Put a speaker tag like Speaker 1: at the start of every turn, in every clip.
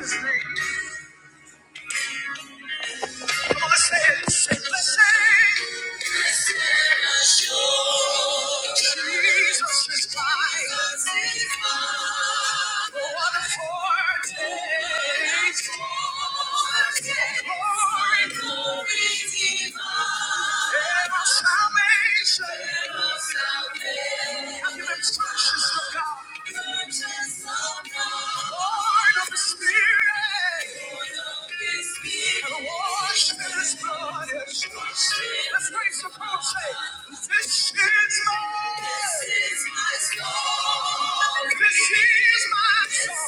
Speaker 1: Salvation. Have you been of God? Conscious of the Spirit. Born of the Spirit. Let's raise your voice say, This is my. This is my song. This is my song.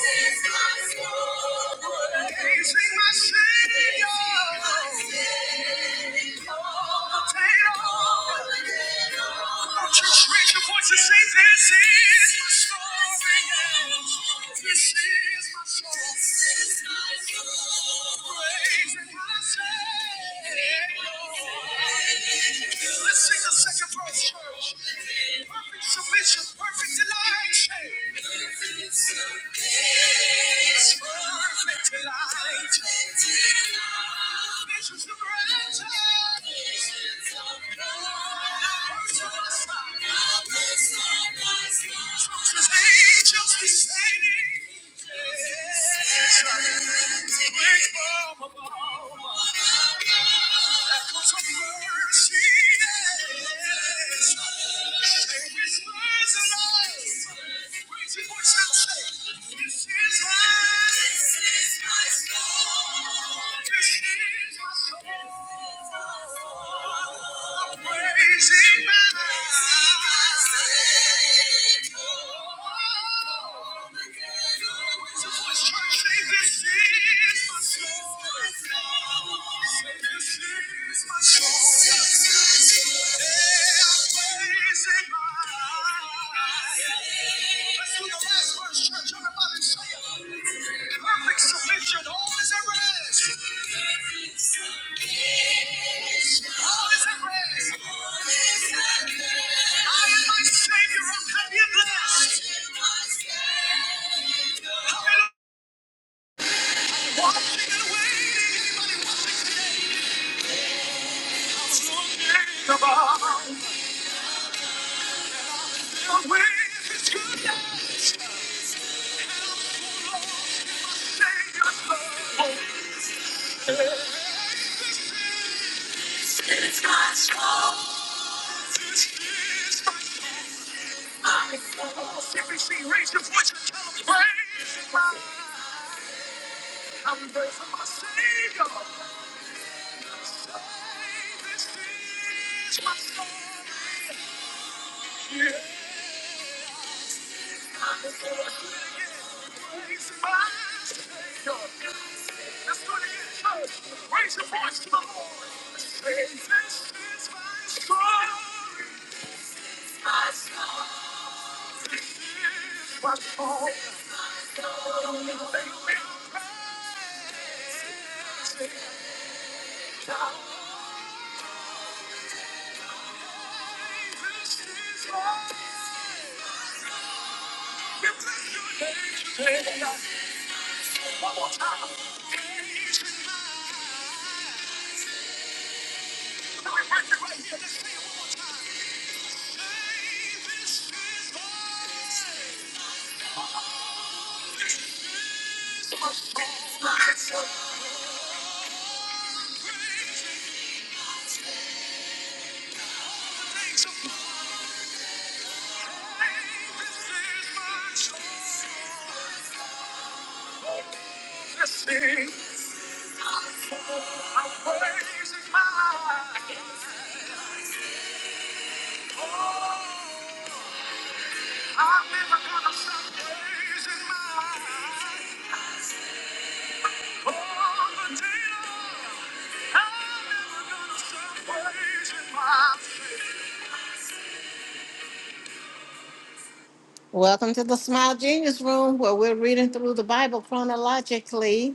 Speaker 1: This is my song. Let's sing the second verse, church. Perfect submission, perfect delight. Angels descending. This is you. Yeah. Let's do the last verse, church. Everybody say it. Perfect submission. All is at rest. All is at rest. I am my Savior. I'm happy blessed. Hallelujah. Watching and waiting. Anybody on the way? The way good. Savior. God's promise is Every scene, raise your voice and tell 'em, praise God. I'm grateful for my Savior. This is my story. Yeah, he's my Savior. Let's do it again, church. Raise your voice to the Lord. Say, this is my story. This is my story. This is my story. We bless your name. Praise God. Welcome to the Smile Genius Room where we're reading through the Bible chronologically.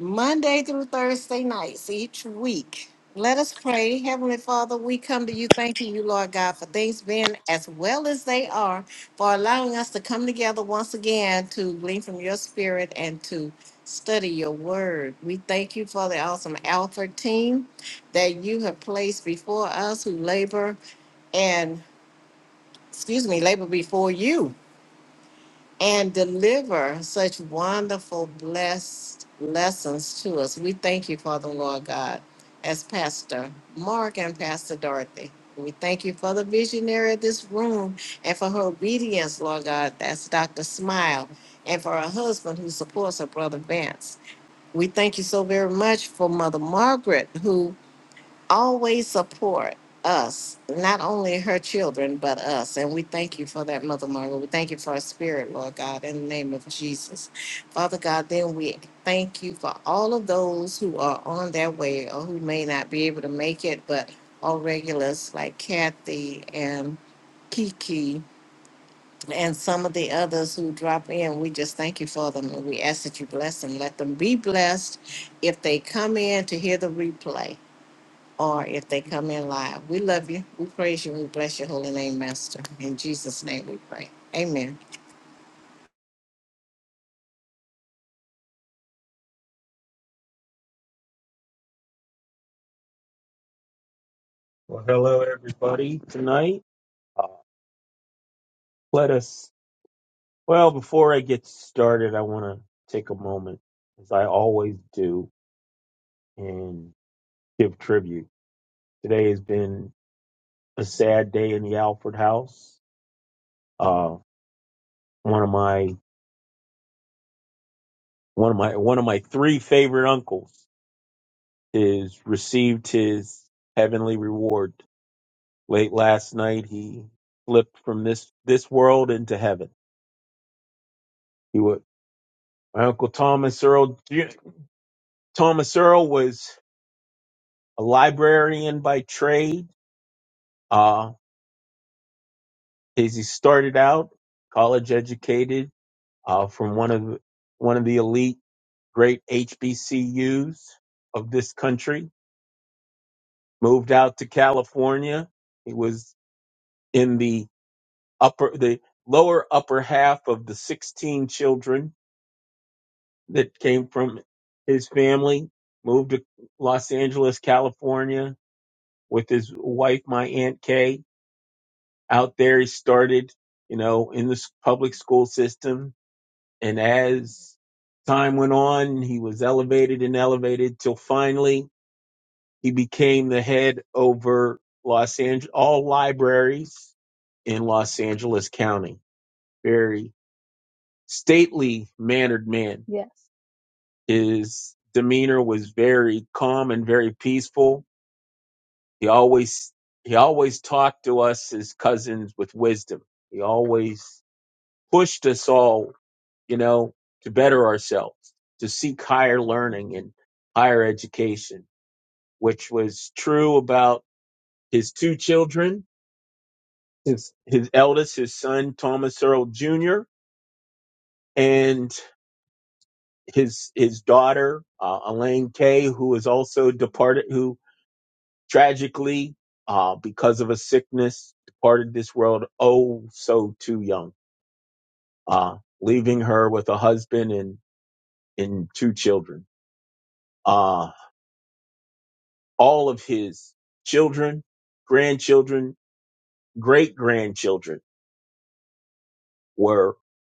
Speaker 1: Monday through Thursday nights each week. Let us pray. Heavenly Father, we come to you thanking you, Lord God, for things being as well as they are, for allowing us to come together once again to glean from your spirit and to study your word. We thank you for the awesome Alpha team that you have placed before us who labor and, excuse me, labor before you and deliver such wonderful, blessed lessons to us. We thank you, Father, Lord God, as Pastor Mark and Pastor Dorothy. We thank you for the visionary of this room and for her obedience, Lord God. That's Dr. Smile. And for her husband who supports her brother Vance. We thank you so very much for Mother Margaret, who always support us, not only her children, but us. And we thank you for that, Mother Margaret. We thank you for our spirit, Lord God, in the name of Jesus. Father God, then we thank you for all of those who are on their way or who may not be able to make it, but all regulars like Kathy and Kiki and some of the others who drop in. We just thank you for them and we ask that you bless them. Let them be blessed if they come in to hear the replay or if they come in live. We love you. We praise you. We bless your holy name, Master. In Jesus' name we pray. Amen.
Speaker 2: Well, hello everybody tonight. Uh, let us, well, before I get started, I want to take a moment, as I always do, and give tribute. Today has been a sad day in the Alford house. Uh, one of my, one of my, one of my three favorite uncles is received his heavenly reward. Late last night, he slipped from this, this world into heaven. He would, my uncle Thomas Earl, Thomas Earl was a librarian by trade. Uh, as he started out, college educated uh, from one of one of the elite great HBCUs of this country. Moved out to California. He was in the upper the lower upper half of the 16 children that came from his family. Moved to Los Angeles, California, with his wife, my aunt Kay out there. He started, you know, in the public school system. And as time went on, he was elevated and elevated till finally he became the head over Los Angeles, all libraries in Los Angeles County. Very stately mannered man. Yes. His demeanor was very calm and very peaceful. He always, he always talked to us as cousins with wisdom. He always pushed us all, you know, to better ourselves, to seek higher learning and higher education, which was true about his two children, his, his eldest, his son, Thomas Earl Jr., and his, his daughter, uh, Elaine Kay, who was also departed, who tragically, uh, because of a sickness, departed this world oh so too young, uh, leaving her with a husband and, and two children. Uh, all of his children, grandchildren, great grandchildren were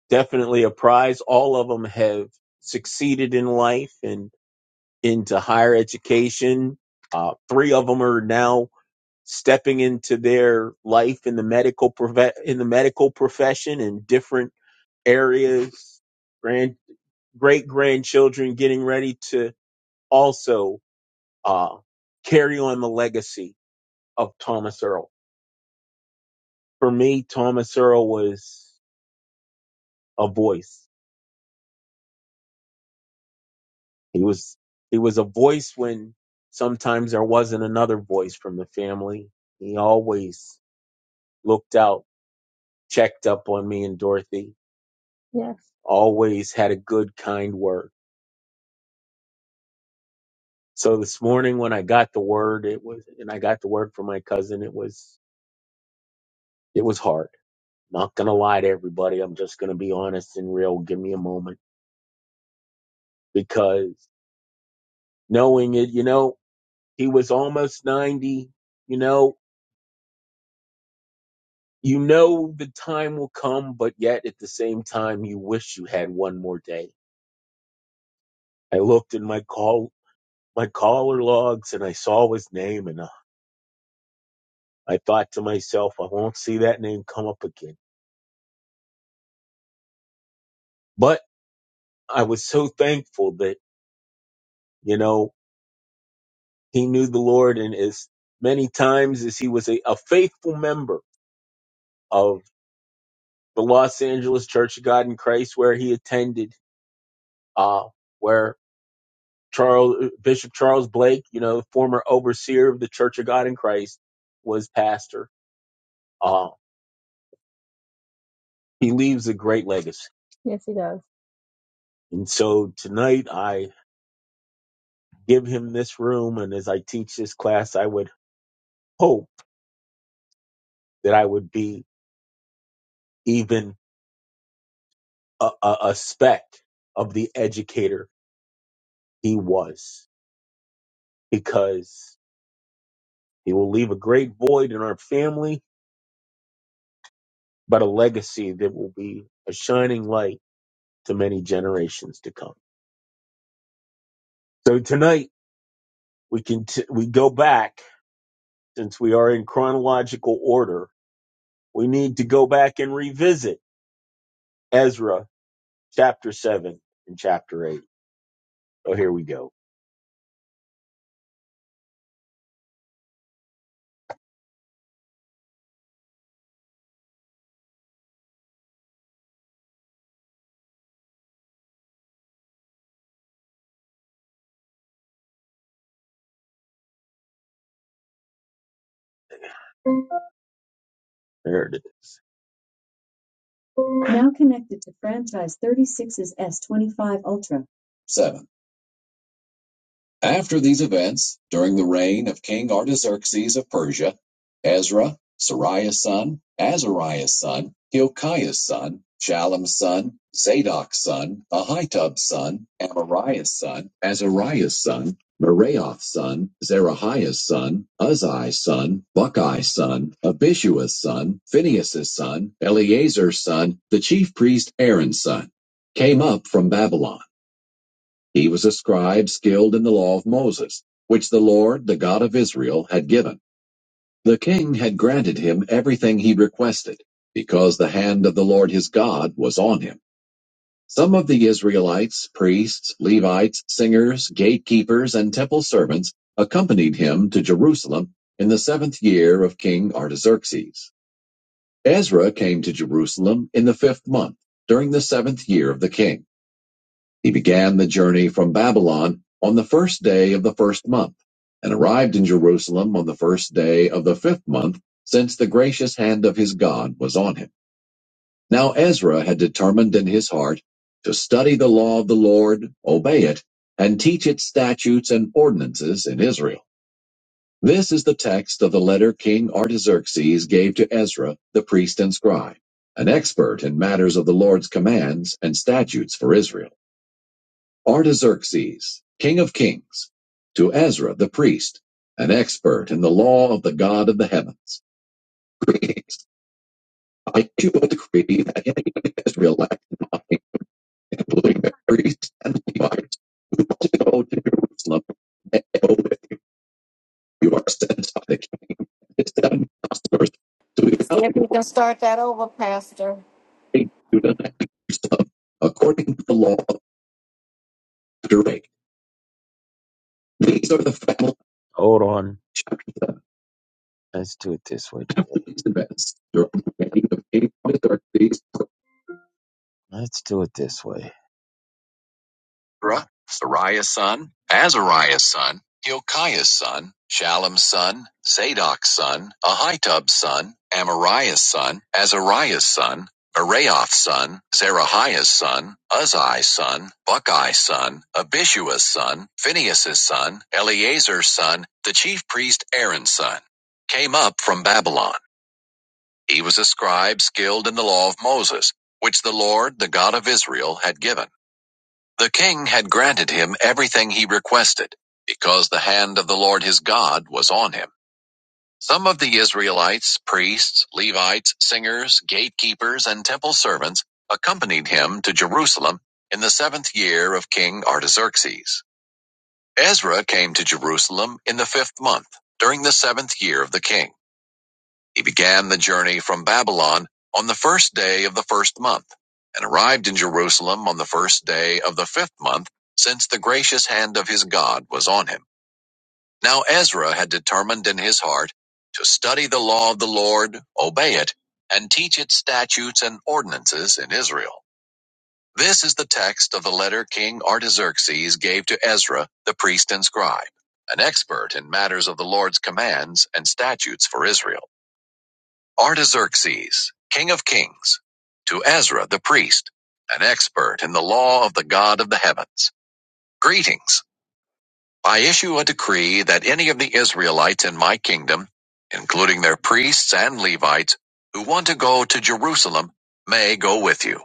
Speaker 2: definitely a prize. All of them have succeeded in life and into higher education. Uh, three of them are now stepping into their life in the medical prof- in the medical profession in different areas. Grand great grandchildren getting ready to also uh, carry on the legacy of Thomas Earl. for me, Thomas Earl was a voice. He was he was a voice when sometimes there wasn't another voice from the family. He always looked out, checked up on me and Dorothy. Yes. Always had a good, kind word. So this morning when I got the word, it was, and I got the word from my cousin. It was it was hard. Not gonna lie to everybody. I'm just gonna be honest and real. Give me a moment because knowing it, you know, He was almost 90. You know, you know the time will come, but yet at the same time, you wish you had one more day. I looked in my call, my caller logs and I saw his name and uh, I thought to myself, I won't see that name come up again. But I was so thankful that, you know, he knew the Lord and as many times as he was a, a faithful member of the Los Angeles Church of God in Christ where he attended, uh, where Charles Bishop Charles Blake, you know, former overseer of the Church of God in Christ, was pastor. Uh, he leaves a great legacy. Yes, he does. And so tonight I give him this room, and as I teach this class, I would hope that I would be even a, a, a speck of the educator he was, because he will leave a great void in our family, but a legacy that will be a shining light to many generations to come. So tonight. we can t- we go back since we are in chronological order we need to go back and revisit ezra chapter 7 and chapter 8 oh here we go there it is Now connected to franchise 36's S25 Ultra. Seven. After these events, during the reign of King Artaxerxes of Persia, Ezra, Sariah's son, Azariah's son, Hilkiah's son, Shallum's son, Zadok's son, Ahitub's son, Amariah's son, Azariah's son, Meraioth's son, Zerahiah's son, Uzziah's son, Bucki's son, Abishua's son, Phinehas's son, Eleazar's son, the chief priest Aaron's son, came up from Babylon. He was a scribe skilled in the law of Moses, which the Lord, the God of Israel, had given. The king had granted him everything he requested, because the hand of the Lord his God was on him. Some of the Israelites, priests, Levites, singers, gatekeepers, and temple servants accompanied him to Jerusalem in the seventh year of King Artaxerxes. Ezra came to Jerusalem in the fifth month, during the seventh year of the king. He began the journey from Babylon on the first day of the first month, and arrived in Jerusalem on the first day of the fifth month, since the gracious hand of his God was on him. Now Ezra had determined in his heart to study the law of the Lord, obey it, and teach its statutes and ordinances in Israel. This is the text of the letter King Artaxerxes gave to Ezra, the priest and scribe, an expert in matters of the Lord's commands and statutes for Israel. Artaxerxes, king of kings, to Ezra the priest, an expert in the law of the God of the heavens. Greetings. I issue a decree that any Israelite, including the priests and Levites, who must go to Jerusalem, may go with you are sent by the king and his seven counselors to
Speaker 1: So
Speaker 2: evaluate
Speaker 1: if you can start that over, Pastor.
Speaker 2: you tonight Jerusalem according to the law of Deuteronomy. These are the family Hold on. Chapter seven. Let's do it this way it's the best. Let's do it this way. Ra- Sariah's son, Azariah's son, Hilkiah's son, Shallum's son, Zadok's son, Ahitub's son, Amariah's son, Azariah's son, Meraioth's son, Zerahiah's son, Uzziah's son, Buckeye's son, Abishua's son, Phinehas's son, Eleazar's son, the chief priest Aaron's son, came up from Babylon. He was a scribe skilled in the law of Moses, which the Lord, the God of Israel, had given. The king had granted him everything he requested, because the hand of the Lord his God was on him. Some of the Israelites, priests, Levites, singers, gatekeepers, and temple servants accompanied him to Jerusalem in the seventh year of King Artaxerxes. Ezra came to Jerusalem in the fifth month, during the seventh year of the king. He began the journey from Babylon on the first day of the first month, and arrived in Jerusalem on the first day of the fifth month, since the gracious hand of his God was on him. Now Ezra had determined in his heart to study the law of the Lord, obey it, and teach its statutes and ordinances in Israel. This is the text of the letter King Artaxerxes gave to Ezra, the priest and scribe, an expert in matters of the Lord's commands and statutes for Israel. Artaxerxes, king of kings, to Ezra the priest, an expert in the law of the God of the heavens. Greetings. I issue a decree that any of the Israelites in my kingdom, including their priests and Levites, who want to go to Jerusalem, may go with you.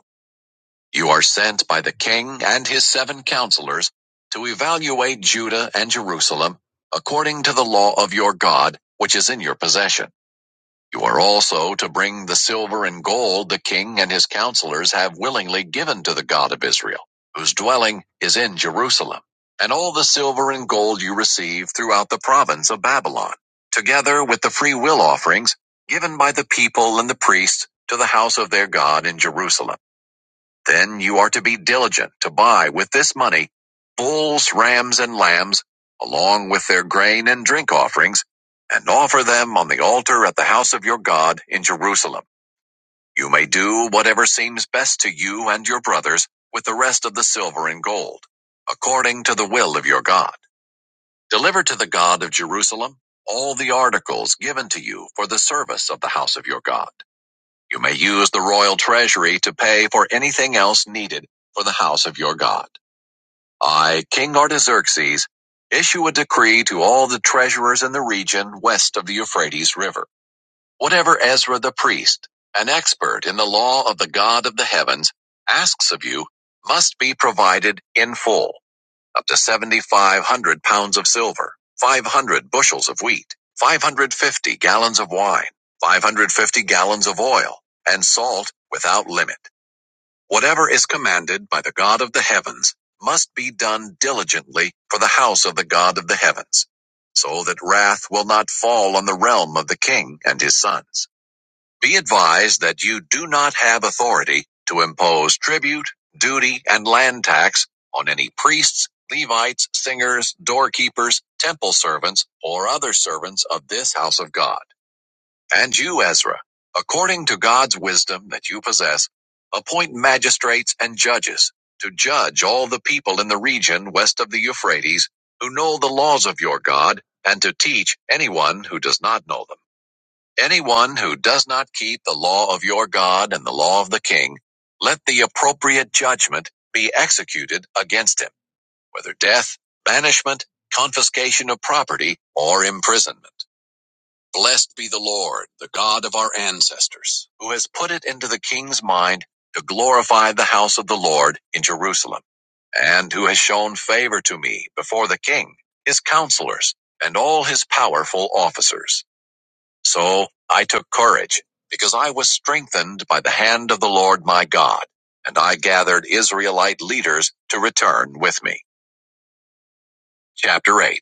Speaker 2: You are sent by the king and his seven counselors to evaluate Judah and Jerusalem according to the law of your God, which is in your possession. You are also to bring the silver and gold the king and his counselors have willingly given to the God of Israel, whose dwelling is in Jerusalem, and all the silver and gold you receive throughout the province of Babylon, together with the free will offerings given by the people and the priests to the house of their God in Jerusalem. Then you are to be diligent to buy with this money bulls, rams, and lambs, along with their grain and drink offerings, and offer them on the altar at the house of your God in Jerusalem. You may do whatever seems best to you and your brothers with the rest of the silver and gold, according to the will of your God. Deliver to the God of Jerusalem all the articles given to you for the service of the house of your God. You may use the royal treasury to pay for anything else needed for the house of your God. I, King Artaxerxes, issue a decree to all the treasurers in the region west of the Euphrates River. Whatever Ezra the priest, an expert in the law of the God of the heavens, asks of you must be provided in full up to 7,500 pounds of silver, 500 bushels of wheat, 550 gallons of wine, 550 gallons of oil, and salt without limit. Whatever is commanded by the God of the heavens must be done diligently for the house of the God of the heavens, so that wrath will not fall on the realm of the king and his sons. Be advised that you do not have authority to impose tribute, duty, and land tax on any priests, Levites, singers, doorkeepers, temple servants, or other servants of this house of God. And you, Ezra, according to God's wisdom that you possess, appoint magistrates and judges to judge all the people in the region west of the Euphrates who know the laws of your God and to teach anyone who does not know them. Anyone who does not keep the law of your God and the law of the king, let the appropriate judgment be executed against him, whether death, banishment, confiscation of property, or imprisonment. Blessed be the Lord, the God of our ancestors, who has put it into the king's mind to glorify the house of the Lord in Jerusalem, and who has shown favor to me before the king, his counselors, and all his powerful officers. So I took courage, because I was strengthened by the hand of the Lord my God, and I gathered Israelite leaders to return with me. Chapter 8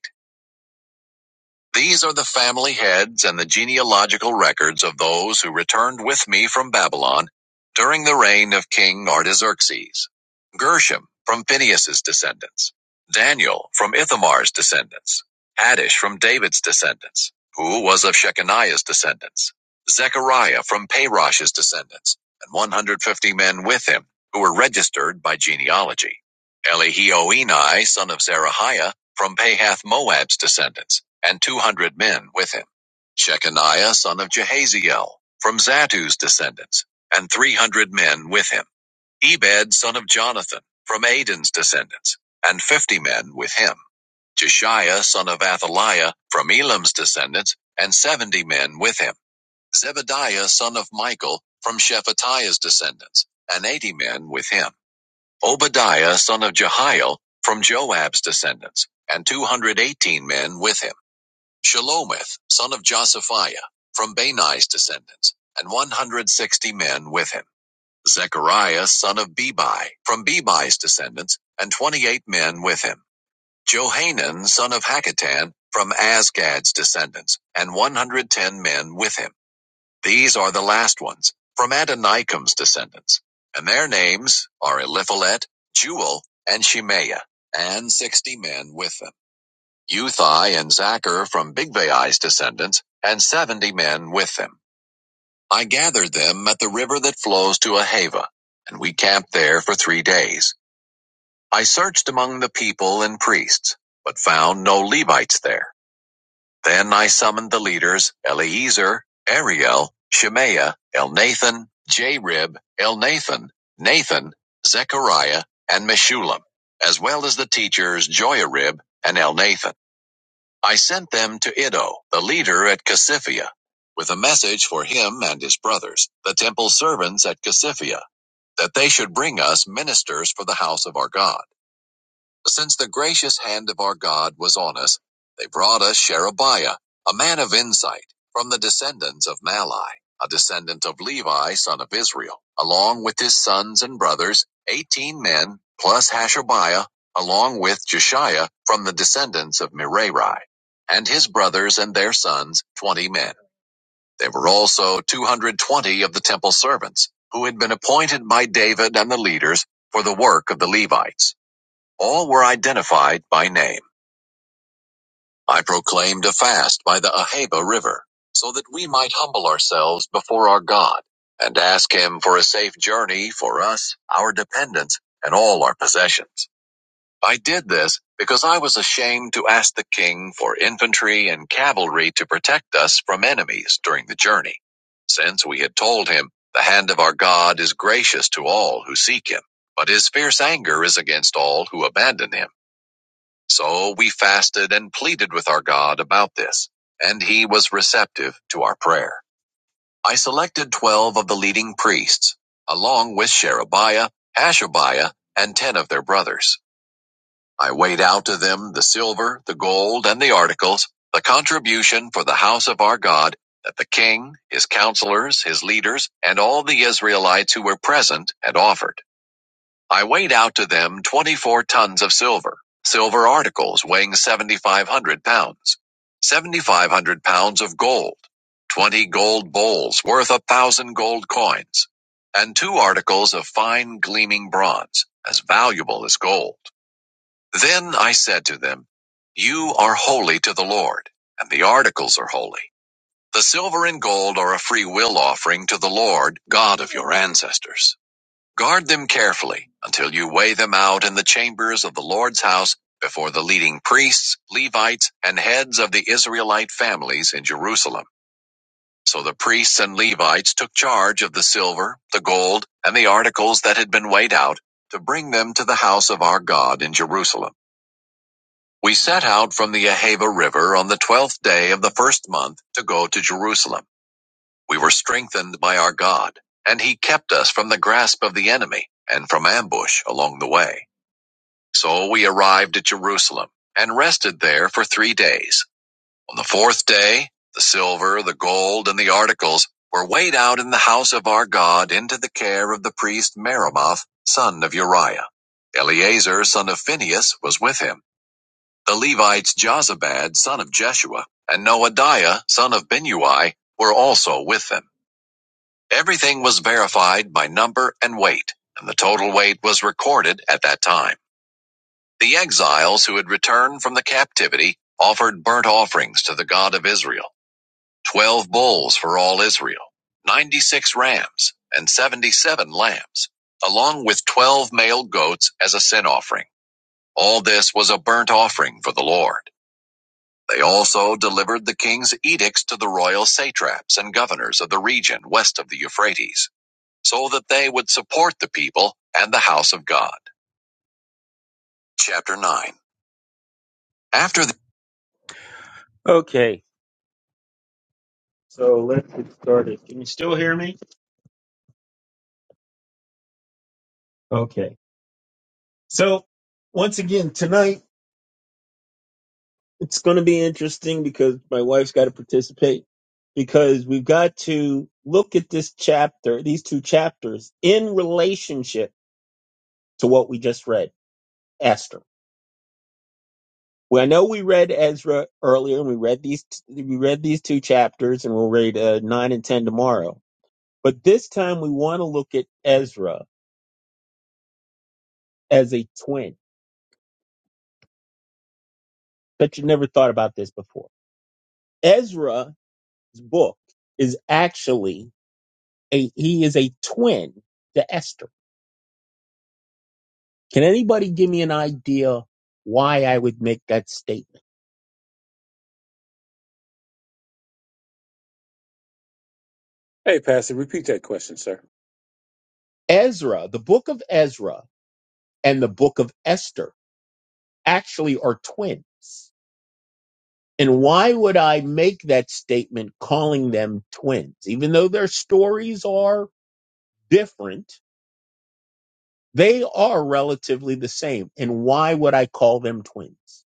Speaker 2: These are the family heads and the genealogical records of those who returned with me from Babylon during the reign of King Artaxerxes. Gershom from Phinehas's descendants. Daniel from Ithamar's descendants. Haddish from David's descendants, who was of Shechaniah's descendants. Zechariah from Parosh's descendants, and 150 men with him, who were registered by genealogy. Elihioenai, son of Zerahiah, from Pahath Moab's descendants and two hundred men with him, Shechaniah son of Jehaziel, from Zattu's descendants, and three hundred men with him, Ebed son of Jonathan, from Aidan's descendants, and fifty men with him, Jeshiah son of Athaliah, from Elam's descendants, and seventy men with him, Zebadiah son of Michael, from Shephatiah's descendants, and eighty men with him, Obadiah son of Jehiel, from Joab's descendants, and two hundred eighteen men with him. Shelomith, son of Josaphiah, from Benai's descendants, and 160 men with him. Zechariah, son of Bebi, from Bebi's descendants, and 28 men with him. Johanan, son of Hakatan, from Asgad's descendants, and 110 men with him. These are the last ones, from Adonikam's descendants. And their names are Eliphalet, Jewel, and Shemaiah, and 60 men with them. Uthai and Zaccur from Bigvai's descendants, and seventy men with them. I gathered them at the river that flows to Ahava, and we camped there for three days. I searched among the people and priests, but found no Levites there. Then I summoned the leaders Eleazar, Ariel, Shemaiah, Elnathan, Jarib, Elnathan, Nathan, Zechariah, and Meshullam, as well as the teachers Joiarib and Elnathan. I sent them to Iddo, the leader at Cassiphia, with a message for him and his brothers, the temple servants at Cassiphia, that they should bring us ministers for the house of our God. Since the gracious hand of our God was on us, they brought us Sherebiah, a man of insight, from the descendants of Malai, a descendant of Levi, son of Israel, along with his sons and brothers, eighteen men, plus Hashabiah, along with Jeshiah, from the descendants of Merari, and his brothers and their sons, twenty men. There were also two hundred twenty of the temple servants, who had been appointed by David and the leaders for the work of the Levites. All were identified by name. I proclaimed a fast by the Ahava River, so that we might humble ourselves before our God, and ask him for a safe journey for us, our dependents, and all our possessions. I did this because I was ashamed to ask the king for infantry and cavalry to protect us from enemies during the journey, since we had told him, The hand of our God is gracious to all who seek him, but his fierce anger is against all who abandon him. So we fasted and pleaded with our God about this, and he was receptive to our prayer. I selected 12 of the leading priests, along with Sherebiah, Hashabiah, and 10 of their brothers. I weighed out to them the silver, the gold, and the articles, the contribution for the house of our God that the king, his counselors, his leaders, and all the Israelites who were present had offered. I weighed out to them 24 tons of silver, silver articles weighing 7,500 pounds, 7,500 pounds of gold, 20 gold bowls worth a thousand gold coins, and two articles of fine gleaming bronze, as valuable as gold. Then I said to them, You are holy to the Lord, and the articles are holy. The silver and gold are a free will offering to the Lord, God of your ancestors. Guard them carefully until you weigh them out in the chambers of the Lord's house before the leading priests, Levites, and heads of the Israelite families in Jerusalem. So the priests and Levites took charge of the silver, the gold, and the articles that had been weighed out to bring them to the house of our God in Jerusalem. We set out from the Ahava River on the twelfth day of the first month to go to Jerusalem. We were strengthened by our God, and he kept us from the grasp of the enemy and from ambush along the way. So we arrived at Jerusalem and rested there for three days. On the fourth day, the silver, the gold, and the articles were weighed out in the house of our God into the care of the priest Meremoth, son of Uriah. Eleazar, son of Phinehas, was with him. The Levites Jozabad, son of Jeshua, and Noadiah, son of Binui, were also with them. Everything was verified by number and weight, and the total weight was recorded at that time. The exiles who had returned from the captivity offered burnt offerings to the God of Israel 12 bulls for all Israel, 96 rams, and 77 lambs, along with 12 male goats as a sin offering. All this was a burnt offering for the Lord. They also delivered the king's edicts to the royal satraps and governors of the region west of the Euphrates so that they would support the people and the house of God. Chapter 9. After the Okay, so let's get started. Can you still hear me? Okay. So, once again, tonight it's going to be interesting because my wife's got to participate because we've got to look at this chapter, these two chapters, in relationship to what we just read, Esther. Well, I know we read Ezra earlier, and we read these we read these two chapters, and we'll read uh, nine and ten tomorrow But this time we want to look at Ezra as a twin. Bet you never thought about this before. Ezra's book is actually a he is a twin to Esther. Can anybody give me an idea why I would make that statement?
Speaker 3: Hey, Pastor, repeat that question, sir.
Speaker 2: Ezra, the book of Ezra and the book of Esther actually are twins. And why would I make that statement calling them twins? Even though their stories are different, They are relatively the same. And why would I call them twins?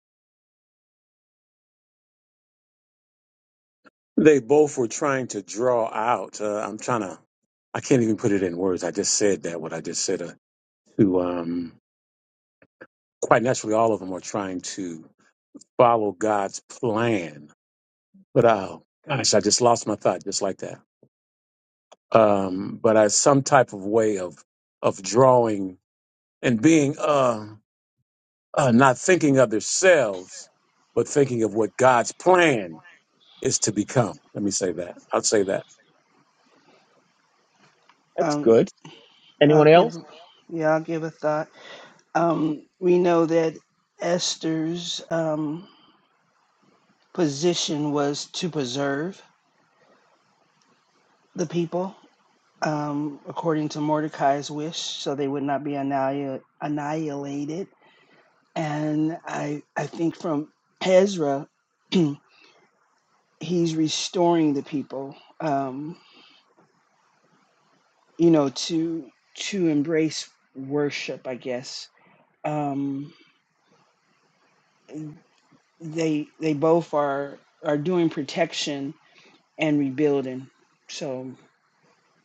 Speaker 3: They both were trying to draw out. Uh, I'm trying to, I can't even put it in words. I just said that, what I just said. Uh, to um, Quite naturally, all of them are trying to follow God's plan. But oh, gosh, I just lost my thought just like that. Um, but I, some type of way of, of drawing and being uh, uh, not thinking of themselves, but thinking of what God's plan is to become. Let me say that. I'll say that.
Speaker 2: That's
Speaker 4: Um,
Speaker 2: good.
Speaker 4: I'll
Speaker 2: Anyone
Speaker 4: give,
Speaker 2: else?
Speaker 4: yeah, I'll give a thought. Um, we know that Esther's um, position was to preserve the people um, according to Mordecai's wish, so they would not be annihil- annihilated. And I, I think from Ezra, he's restoring the people, um, you know, to to embrace worship, I guess. Um, they they both are are doing protection and rebuilding so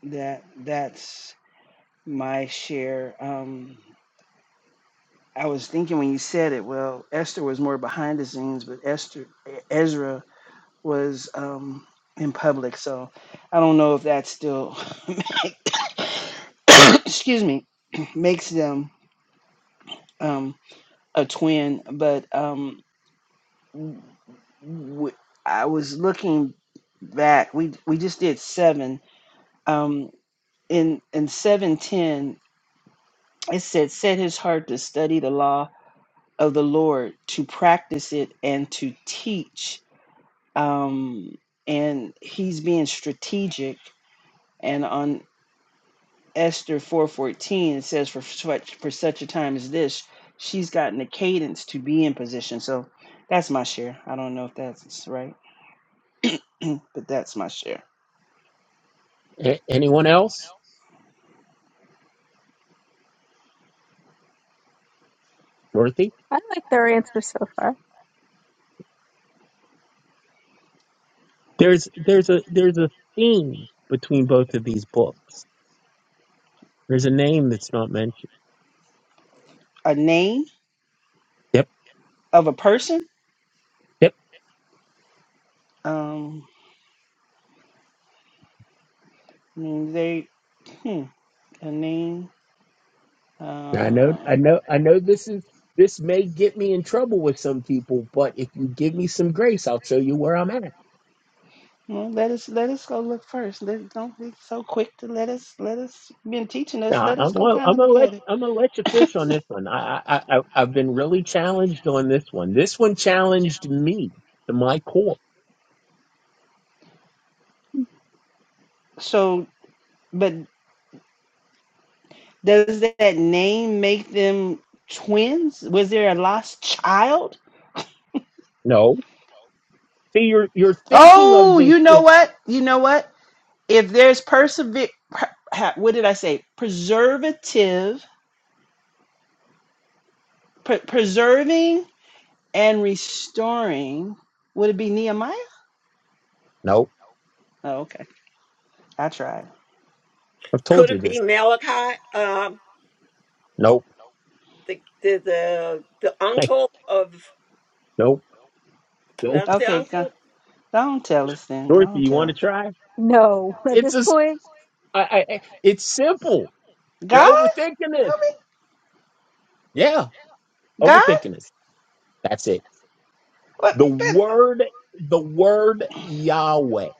Speaker 4: that that's my share um i was thinking when you said it well esther was more behind the scenes but esther ezra was um in public so i don't know if that still excuse me makes them um a twin but um w- I was looking back. We we just did seven, um, in in seven ten it said, "Set his heart to study the law of the Lord, to practice it, and to teach." Um, and he's being strategic. And on Esther four fourteen, it says, "For such for such a time as this, she's gotten the cadence to be in position." So that's my share. I don't know if that's right, but that's my share.
Speaker 2: A- anyone else? Dorothy? I like their answer so far. There's there's a there's a theme between both of these books. There's a name that's not mentioned.
Speaker 4: A name
Speaker 2: Yep.
Speaker 4: of a person.
Speaker 2: Yep.
Speaker 4: Um, I mean, they hmm, a name.
Speaker 2: I know,
Speaker 4: Uh,
Speaker 2: I know, I know this is, this may get me in trouble with some people, but if you give me some grace, I'll show you where I'm at.
Speaker 4: well, let us let us go look first. Let, don't be so quick to let us let us been teaching us.
Speaker 2: Now,
Speaker 4: Let
Speaker 2: I'm
Speaker 4: us go
Speaker 2: gonna,
Speaker 4: kind
Speaker 2: I'm
Speaker 4: of
Speaker 2: gonna
Speaker 4: look
Speaker 2: let,
Speaker 4: at
Speaker 2: I'm gonna let you
Speaker 4: it.
Speaker 2: fish on this one. I, I, I, I've been really challenged on this one. This one challenged me to my core.
Speaker 4: so, but does that name make them twins? Was there a lost child?
Speaker 2: No, see, you're, you're thinking of
Speaker 4: Oh,
Speaker 2: this.
Speaker 4: you know
Speaker 2: It,
Speaker 4: what? You know what? If there's persever, per- ha- what did I say? Preservative, pre- preserving and restoring. Would it be Nehemiah?
Speaker 2: no,
Speaker 4: Oh, okay. I tried.
Speaker 2: I've told
Speaker 5: Could
Speaker 2: you
Speaker 5: it
Speaker 2: this.
Speaker 5: be Malachi, um,
Speaker 2: Nope.
Speaker 5: the the the, the uncle of
Speaker 2: Nope. Nope.
Speaker 5: not the
Speaker 4: Okay, go.
Speaker 5: uncle?
Speaker 4: Don't tell us then.
Speaker 2: Dorothy,
Speaker 4: Don't
Speaker 2: you
Speaker 4: tell
Speaker 2: want to
Speaker 4: us.
Speaker 2: try? No, at It's this as point, I, I, I- it's simple. You're
Speaker 4: God?
Speaker 2: overthinking this.
Speaker 4: Tell me.
Speaker 2: Yeah,
Speaker 4: God?
Speaker 2: overthinking this. That's it.
Speaker 4: What?
Speaker 2: The word, the word Yahweh.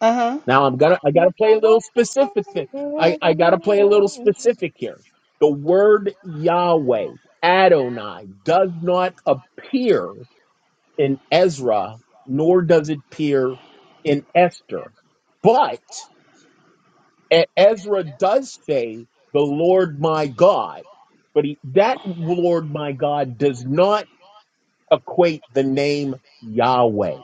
Speaker 4: Uh huh.
Speaker 2: Now I'm gonna, I gotta play a little specific. thi- I, I gotta play a little specific here. The word Yahweh, Adonai, does not appear in Ezra, nor does it appear in Esther. E- Ezra does say the Lord my God, but he, that Lord my God does not equate the name Yahweh.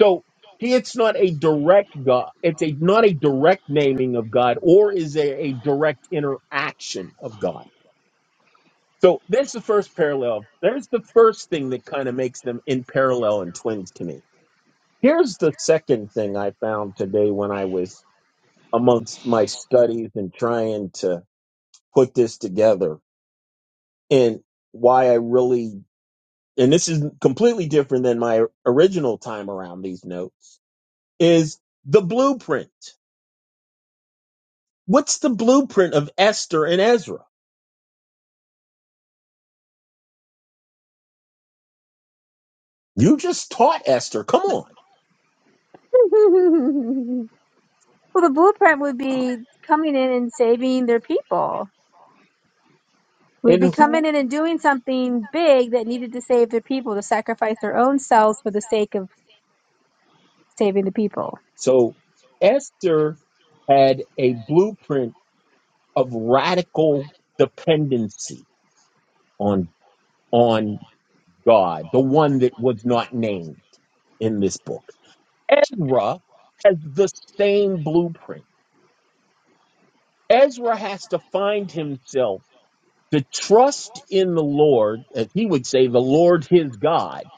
Speaker 2: So he, it's not a direct God. It's a, not a direct naming of God or is there a direct interaction of God. So that's the first parallel. There's the first thing that kind of makes them in parallel and twins to me. Here's the second thing I found today when I was amongst my studies and trying to put this together and why I really and this is completely different than my original time around these notes is the blueprint. What's the blueprint of Esther and Ezra? You just taught Esther. Come on. well, the blueprint would be coming in and saving their people. we Would be And coming in and doing something big that needed to save their people, to sacrifice their own selves for the sake of saving the people. So Esther had a blueprint of radical dependency on on God, the one that was not named in this book. Ezra has the same blueprint. Ezra has to find himself to trust in the Lord, as he would say, the Lord his God,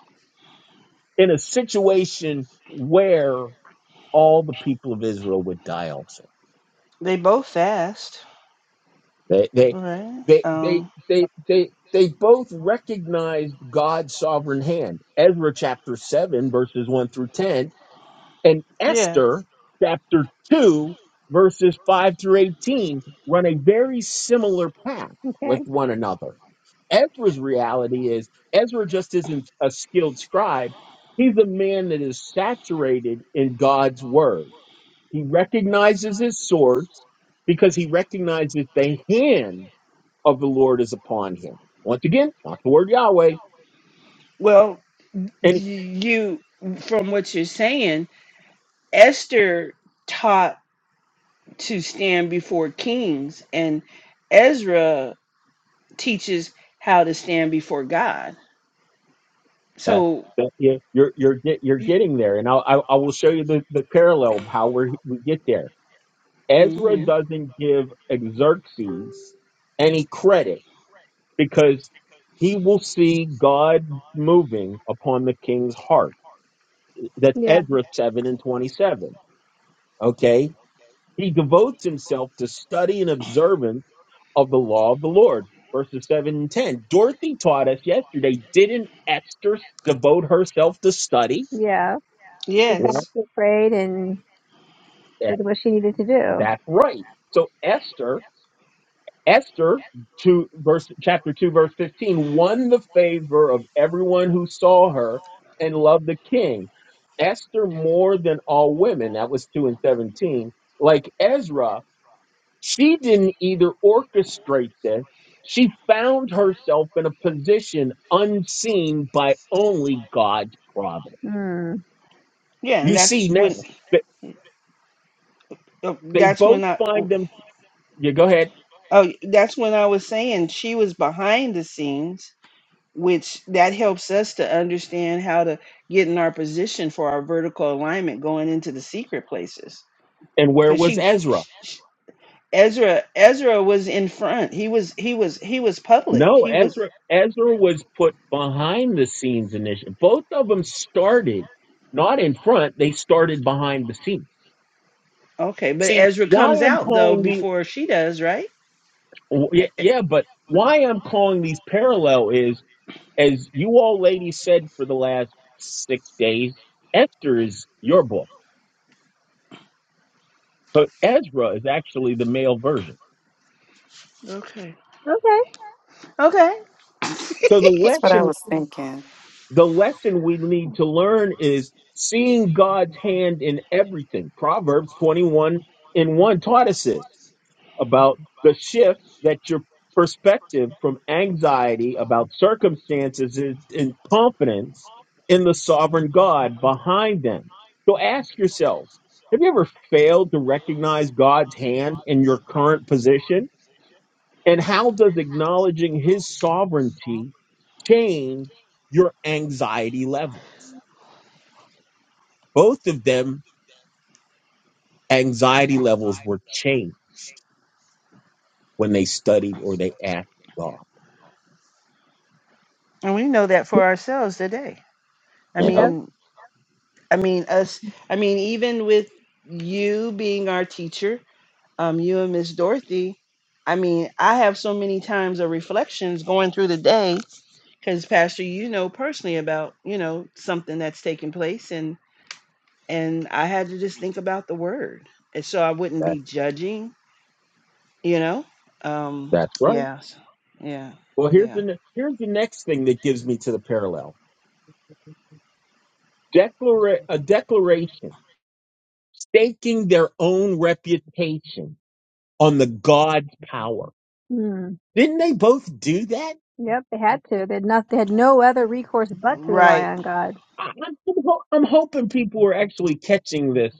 Speaker 2: in a situation where all the people of Israel would die also.
Speaker 4: They both fast,
Speaker 2: They they
Speaker 4: right?
Speaker 2: they they
Speaker 4: Um.
Speaker 2: they they they both recognized God's sovereign hand. Ezra chapter seven verses one through ten, and
Speaker 4: Yeah.
Speaker 2: Esther chapter two verses five through eighteen run a very similar path with Okay. one another. Ezra's reality is Ezra just isn't a skilled scribe. He's a man that is saturated in God's word. He recognizes his source because he recognizes the hand of the Lord is upon him. Once again, not the word Yahweh.
Speaker 4: Well, d-
Speaker 2: Any
Speaker 4: you, from what you're saying, Esther taught to stand before kings, and Ezra teaches how to stand before God.
Speaker 2: that,
Speaker 4: So,
Speaker 2: that you- you're you're get, you're getting there, and I'll, I I will show you the, the parallel of how we we get there. Ezra
Speaker 4: mhm.
Speaker 2: doesn't give Xerxes any credit because he will see God moving upon the king's heart. That's Yeah. Ezra seven and twenty seven. Okay, he devotes himself to study and observance of the law of the Lord. Verses 7 and 10. Dorothy taught us yesterday, didn't Esther devote herself to study? Yeah. She Yeah.
Speaker 4: yes,
Speaker 2: fasted, prayed, and Yeah, did what she needed to do. That's right. So Esther, Esther, two verse chapter two, verse fifteen, won the favor of everyone who saw her and loved the king. Esther more than all women. That was two and seventeen. Like Ezra. She didn't either orchestrate this. She found herself in a position unseen by only God's providence. Mm.
Speaker 4: yeah, and
Speaker 2: You
Speaker 4: that's
Speaker 2: see
Speaker 4: when
Speaker 2: now that
Speaker 4: uh,
Speaker 2: they
Speaker 4: that's when
Speaker 2: both
Speaker 4: I
Speaker 2: find them. You go ahead.
Speaker 4: Oh, that's when I was saying she was behind the scenes, which that helps us to understand how to get in our position for our vertical alignment going into the secret places.
Speaker 2: And where
Speaker 4: Because
Speaker 2: was
Speaker 4: she,
Speaker 2: Ezra?
Speaker 4: sh sh- Ezra, Ezra was in front. He was, he was, he was public.
Speaker 2: No,
Speaker 4: He was
Speaker 2: Ezra. Ezra was put behind the scenes initially. Both of them started not in front. They started behind the scenes.
Speaker 4: okay, but
Speaker 2: See
Speaker 4: Ezra
Speaker 2: why
Speaker 4: comes
Speaker 2: I'm
Speaker 4: out though
Speaker 2: calling the
Speaker 4: before she does, right? E-
Speaker 2: yeah,
Speaker 4: e-
Speaker 2: yeah but why I'm calling these parallel is as you all ladies said for the last six days, Esther is your book, but Ezra is actually the male version.
Speaker 4: Okay.
Speaker 2: Okay.
Speaker 4: Okay.
Speaker 2: So the
Speaker 6: That's what I
Speaker 2: lesson,
Speaker 6: was thinking.
Speaker 2: the lesson we need to learn is seeing God's hand in everything. Proverbs 21 and 1 taught us this. about the shift that your perspective from anxiety about circumstances is in confidence in the sovereign God behind them. So ask yourselves, have you ever failed to recognize God's hand in your current position? And how does acknowledging his sovereignty change your anxiety level? Both of them anxiety levels were changed when they studied or they asked God.
Speaker 4: And we know that for ourselves today. I
Speaker 2: You Yeah,
Speaker 4: mean, I mean us. I mean, even with you being our teacher um, you and Miss Dorothy. I mean, I have so many times of reflections going through the day because Pastor, you know personally about you know something that's taking place, and and I had to just think about the word, and so I wouldn't
Speaker 2: that,
Speaker 4: be judging, you know. Um,
Speaker 2: that's right.
Speaker 4: yeah, s- yeah,
Speaker 2: Well, here's
Speaker 4: yeah.
Speaker 2: the ne- here's the next thing that gives me to the parallel. Declara- a declaration staking their own reputation on the God's power. Hmm. Didn't they both do that? Yep, they had to. They had not. They had no other recourse but to rely
Speaker 4: Right,
Speaker 2: on God. I- I'm, ho- I'm hoping people are actually catching this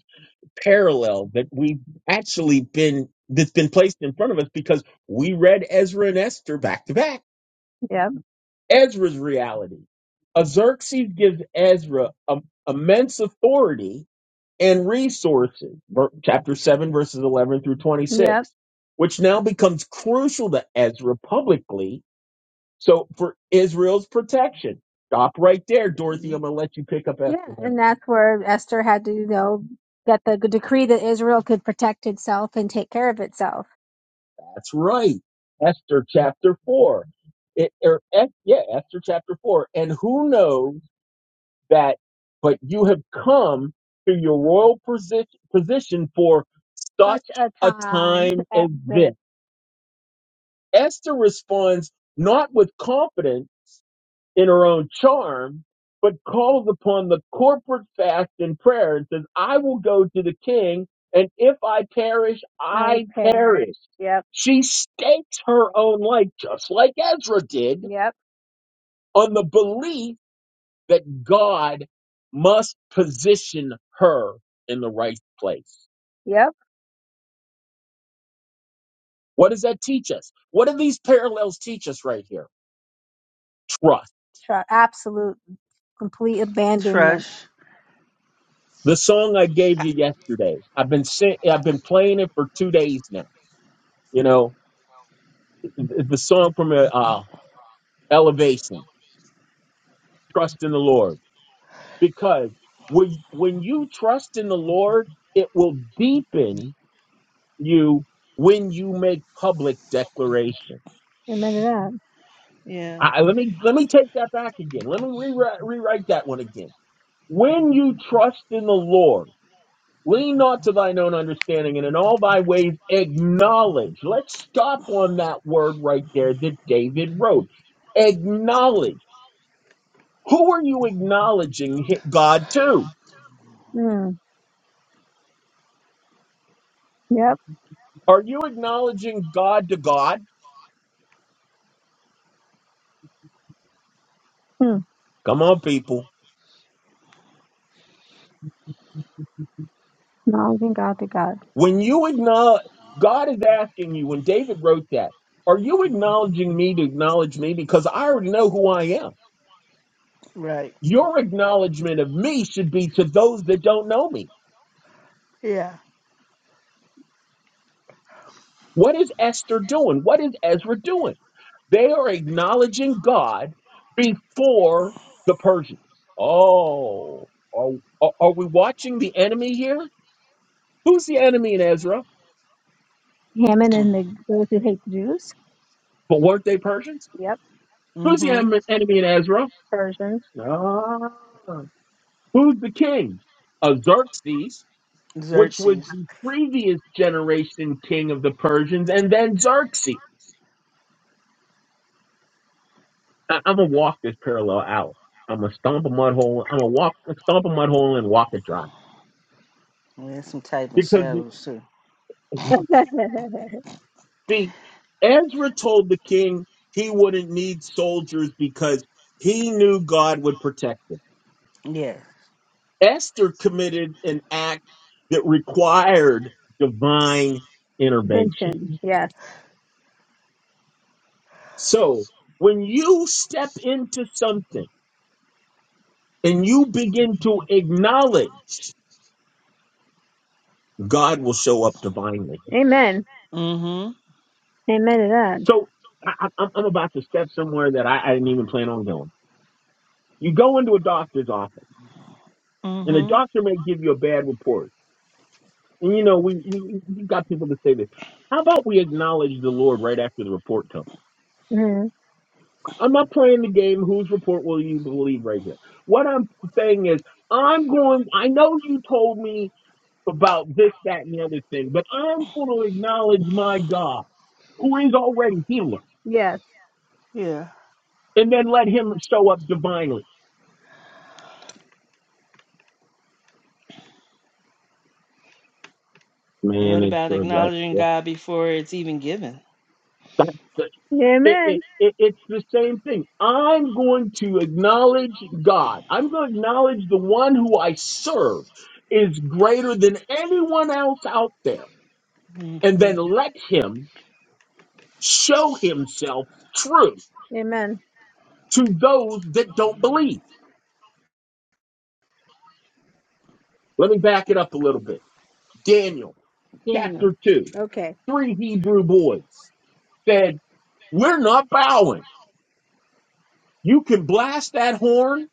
Speaker 2: parallel that we've actually been that's been placed in front of us because we read Ezra and Esther back to back. Ezra's reality. Xerxes gives Ezra um, immense authority and resources, ver- chapter 7, verses 11 through Yep. 26, which now becomes crucial to Ezra publicly. So for Israel's protection, stop right there, Dorothy. I'm going to let you pick up Yeah, after him. and that's where Esther had to, you know, get the decree that Israel could protect itself and take care of itself. That's right. Esther chapter 4. It, or, Es- yeah, Esther chapter 4. And who knows that, but you have come to your royal position, position for such Such a a time time as as this. this. Esther responds not with confidence in her own charm, but calls upon the corporate fast and prayer and says, I will go to the king, and if I perish, I I perish. perish. Yep. She stakes her own life, just like Ezra did, Yep. on the belief that God must position her in the right place. Yep. What does that teach us? What do these parallels teach us right here? Trust. Try absolute complete abandonment.
Speaker 4: Trush.
Speaker 2: The song I gave you yesterday, I've been sent, I've been playing it for two days now. You know, the the song from uh, uh, Elevation, Trust in the Lord. Because when when you trust in the Lord, it will deepen you when you make public declaration. Amen to that.
Speaker 4: Yeah,
Speaker 2: I, I- let me let me take that back again. Let me rewrite rewrite that one again. When you trust in the Lord. Lean not to thine own understanding, and in all thy ways acknowledge. Let's stop on that word right there that David wrote. Acknowledge. Who are you acknowledging hi- God to? Mm. Yep. Are you acknowledging God to God? Hmm. Come on, people. Acknowledging God to God. When you acknowledge, God is asking you, when David wrote that, are you acknowledging me to acknowledge me? Because I already know who I am.
Speaker 4: right.
Speaker 2: Your acknowledgement of me should be to those that don't know me.
Speaker 4: Yeah.
Speaker 2: What is Esther doing? What is Ezra doing? They are acknowledging God before the Persians. Oh, are, are are we watching the enemy here? Who's the enemy in Ezra? Haman and the, those who hate the Jews. But weren't they Persians? Yep, Who's the
Speaker 4: mm-hmm.
Speaker 2: em- enemy in Ezra? Persians. Ah. Who's the king? Uh, Xerxes. which was
Speaker 4: Xerxes.
Speaker 2: the previous generation king of the Persians, and then Xerxes. I- I'm gonna walk this parallel out. I'm gonna stomp a mud hole. I'm gonna walk, stomp a mud hole, and walk it dry.
Speaker 4: Yeah, some type of
Speaker 2: Because
Speaker 4: shadows too.
Speaker 2: see, Ezra told the king he wouldn't need soldiers because he knew God would protect him.
Speaker 4: Yeah.
Speaker 2: Esther committed an act that required divine intervention. Mention. Yes. So when you step into something and you begin to acknowledge, God will show up divinely. Amen.
Speaker 4: Mm-hmm.
Speaker 2: Amen to that. So I, I- I'm, about to step somewhere that I, I didn't even plan on going. You go into a doctor's office, and the
Speaker 4: Mm-hmm.
Speaker 2: doctor may give you a bad report. And you know, we, we you got people to say this. How about we acknowledge the Lord right after the report comes? hmm I'm not playing the game. Whose report will you believe right here? What I'm saying is, I'm going, I know you told me about this, that, and the other thing. But I'm going to acknowledge my God, who is already healer, Yes.
Speaker 4: Yeah.
Speaker 2: and then let Him show up divinely. Man,
Speaker 4: What
Speaker 2: it's
Speaker 4: about
Speaker 2: good.
Speaker 4: acknowledging
Speaker 2: That's,
Speaker 4: God before it's even given?
Speaker 2: that's the, it, Amen. it, it, it's the same thing. I'm going to acknowledge God. I'm going to acknowledge the one who I serve is greater than anyone else out there, and
Speaker 4: hmm
Speaker 2: then let Him show Himself true Amen. to those that don't believe. Let me back it up a little bit. Daniel Daniel. chapter 2, Okay. three Hebrew boys said, We're not bowing. You can blast that horn.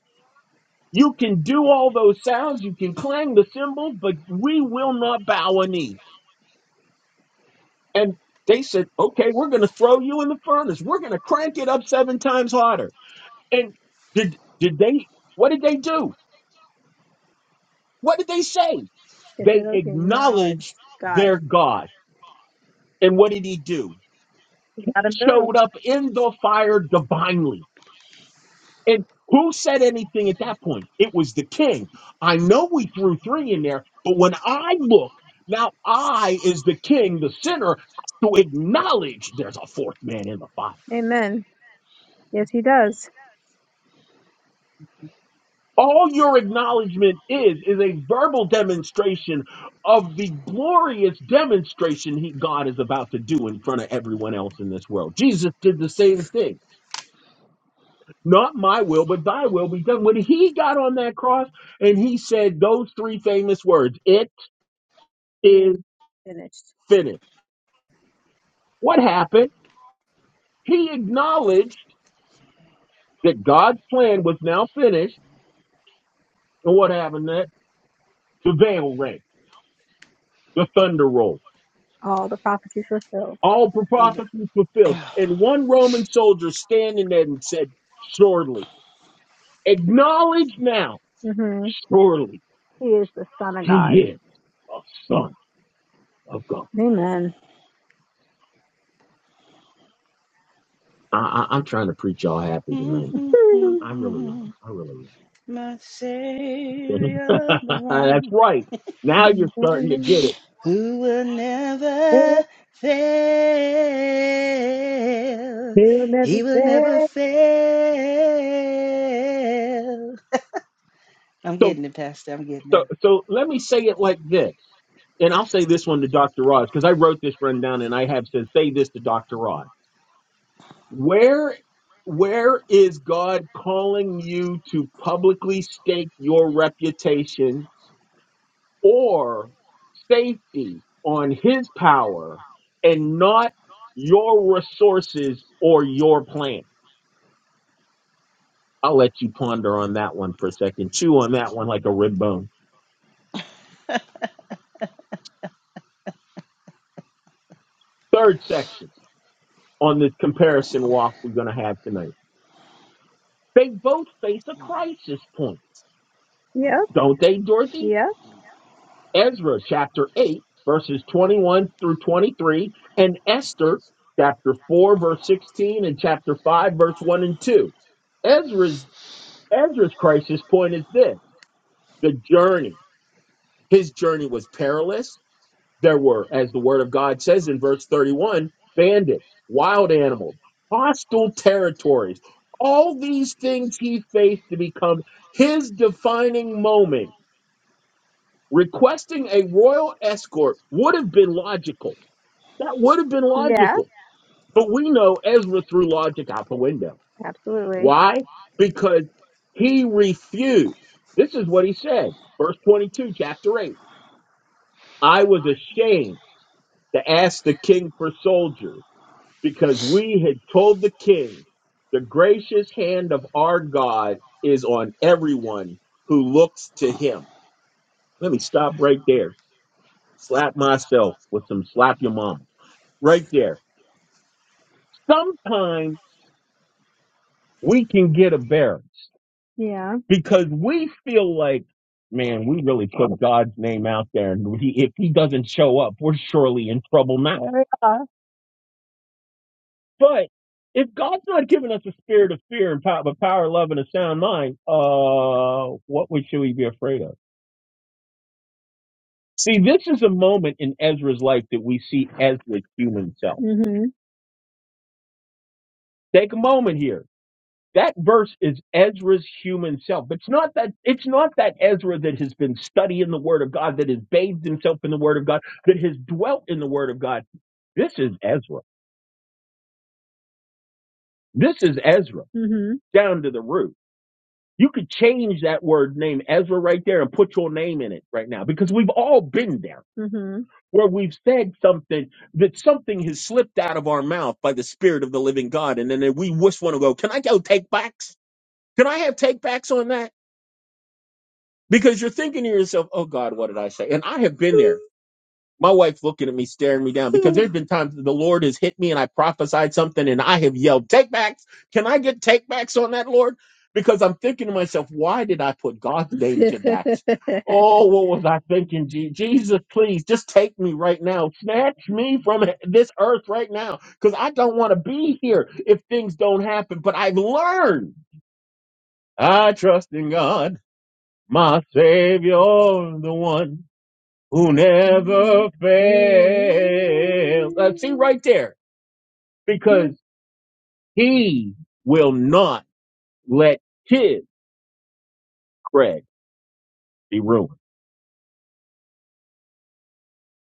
Speaker 2: You can do all those sounds. You can clang the cymbals, but we will not bow a knee. And they said, Okay, we're going to throw you in the furnace. We're going to crank it up seven times hotter. And did, did they, what did they do? What did they say? They They said, okay, acknowledged acknowledge God. their God. And what did he do? Got to move. showed up in the fire divinely. And who said anything at that point? It was the king. I know we threw three in there, but when I look, now I is the king, the sinner, to acknowledge there's a fourth man in the fire. it. Amen. Yes, he does. All your acknowledgement is is a verbal demonstration of the glorious demonstration he, God is about to do in front of everyone else in this world. Jesus did the same thing. Not my will, but thy will be done. When he got on that cross and he said those three famous words, it is Finished. finished. What happened? He acknowledged that God's plan was now finished. And what happened next? The veil rang, the thunder rolled. All the prophecies fulfilled. all the prophecies fulfilled. And one Roman soldier standing there and said, Surely, acknowledge now, hmm surely He is the Son of he God. is a son. of God. Amen. I, I, I'm trying to preach y'all happy tonight. I really am. I really
Speaker 4: My
Speaker 2: am.
Speaker 4: Savior, the
Speaker 2: That's
Speaker 4: one
Speaker 2: right. Now you're starting to get
Speaker 4: who will
Speaker 2: it.
Speaker 4: never fail.
Speaker 2: He'll never
Speaker 4: He will
Speaker 2: fail.
Speaker 4: never fail. I'm
Speaker 2: So,
Speaker 4: getting it, Pastor. I'm getting
Speaker 2: so,
Speaker 4: it.
Speaker 2: so let me say it like this, and I'll say this one to Dr. Rod because I wrote this rundown and I have said, say this to Dr. Rod. Where, where is God calling you to publicly stake your reputation or safety on his power and not your resources or your plan. I'll let you ponder on that one for a second. Chew on that one like a rib bone. Third section on this comparison walk we're going to have tonight. They both face a crisis point, Yep. don't they, Dorothy? Yep. Ezra chapter 8, verses 21 through 23, and Esther chapter 4, verse 16, and chapter 5, verse 1 and 2. Ezra's Ezra's crisis point is this the journey. His journey was perilous. There were, as the word of God says in verse 31, bandits, wild animals, hostile territories. All these things he faced to become his defining moment. Requesting a royal escort would have been logical. That would have been Yeah. logical. But we know Ezra threw logic out the window. Absolutely. Why? Because he refused. This is what he said. Verse 22, chapter 8. I was ashamed to ask the king for soldiers because we had told the king the gracious hand of our God is on everyone who looks to him. Let me stop right there. Slap myself with some slap your mama right there. Sometimes we can get embarrassed Yeah. because we feel like, man, we really put God's name out there, and he, if he doesn't show up, we're surely in trouble now. Yeah. But if God's not giving us a spirit of fear and power, but power, love, and a sound mind, uh, what we- should we be afraid of? See, this is a moment in Ezra's life that we see Ezra's human self. Mhm. Take a moment here. that verse is Ezra's human self. It's not that it's not that Ezra that has been studying the Word of God, that has bathed himself in the Word of God, that has dwelt in the Word of God. This is Ezra. This is Ezra hmm down to the root. You could change that word name Ezra right there and put your name in it right now because we've all been there hmm where we've said something that something has slipped out of our mouth by the Spirit of the living God. And then we just want to go, can I go take backs? Can I have take backs on that? because you're thinking to yourself, "Oh God, what did I say?" And I have been there. My wife's looking at me, staring me down, because there's been times the Lord has hit me and I prophesied something and I have yelled, "Take backs! Can I get take backs on that, Lord?" Because I'm thinking to myself, "Why did I put God's name to that?" Oh, what was I thinking? Je- Jesus, please just take me right now. Snatch me from this earth right now because I don't want to be here if things don't happen. But I've learned I trust in God my Savior, the one who never fails. Uh, see right there, because he will not let his cred be ruined.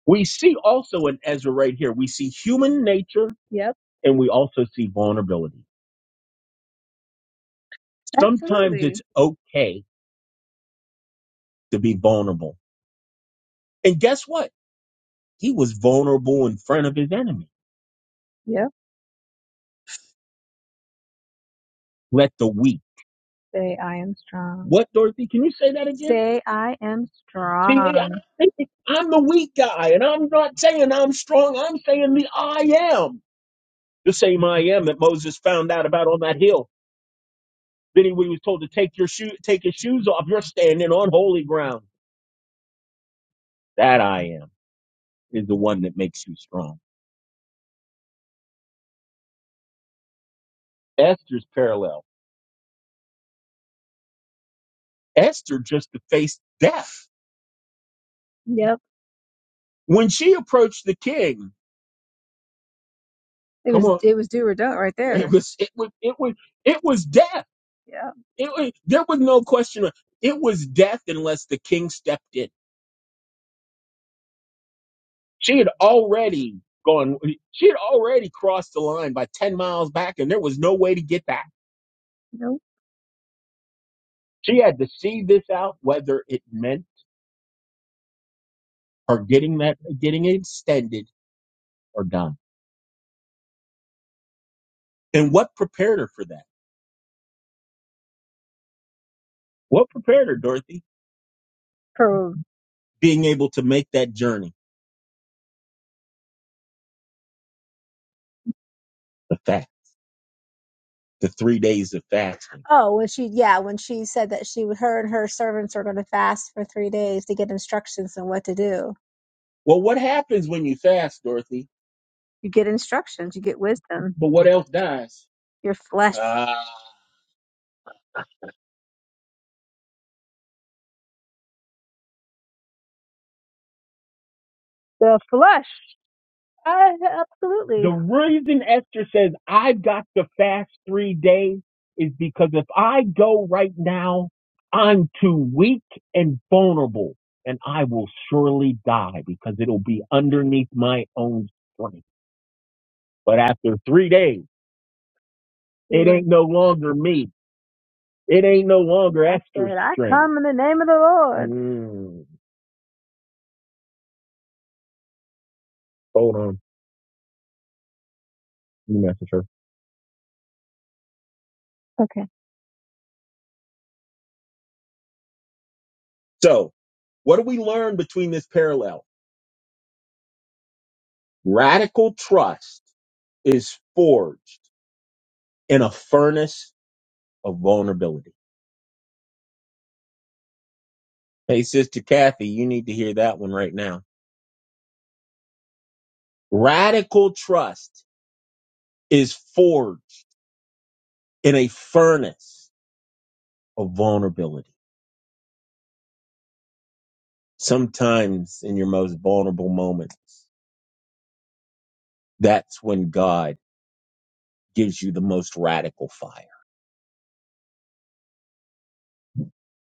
Speaker 2: We see also in Ezra right here, we see human nature. Yep. And we also see vulnerability. Sometimes Absolutely. it's Absolutely. okay to be vulnerable. And guess what? He was vulnerable in front of his enemy. Yep. Let the weak Say, I am strong. What, Dorothy? Can you say that again? Say, I am See, I strong. think I'm the weak guy, and I'm not saying I'm strong. I'm saying the I am, the same I am that Moses found out about on that hill. Then he was told to take your shoe, take his shoes off. You're standing on holy ground. That I am is the one that makes you strong. Esther's parallel. Esther just faced death Yep. when she approached the king. It Come was on. it was do or don't right there. It was it was it was it was death. Yeah. It was, there was no question. It was death unless the king stepped in. She had already gone. She had already crossed the line by ten miles back, and there was no way to get back. No. She had to see this out, whether it meant her getting that getting it extended or done. And what prepared her for that? What prepared her, Dorothy? Pro Being able to make that journey. The fact. the three days of fasting. Oh, when she yeah, when she said that she her and her servants are going to fast for three days to get instructions on what to do. Well, what happens when you fast, Dorothy? You get instructions. You get wisdom. But what else dies? Your flesh. Ah, The flesh. Uh, absolutely. The reason Esther says I've got to fast three days is because if I go right now, I'm too weak and vulnerable, and I will surely die because it'll be underneath my own strength. But after three days, it Mm, ain't no longer me. It ain't no longer I Esther's said, I strength. come in the name of the Lord. Mm. Hold on, you message her. Okay. So, what do we learn between this parallel? Radical trust is forged in a furnace of vulnerability. Hey, Sister Kathy, you need to hear that one right now. Radical trust is forged in a furnace of vulnerability. Sometimes in your most vulnerable moments, that's when God gives you the most radical fire.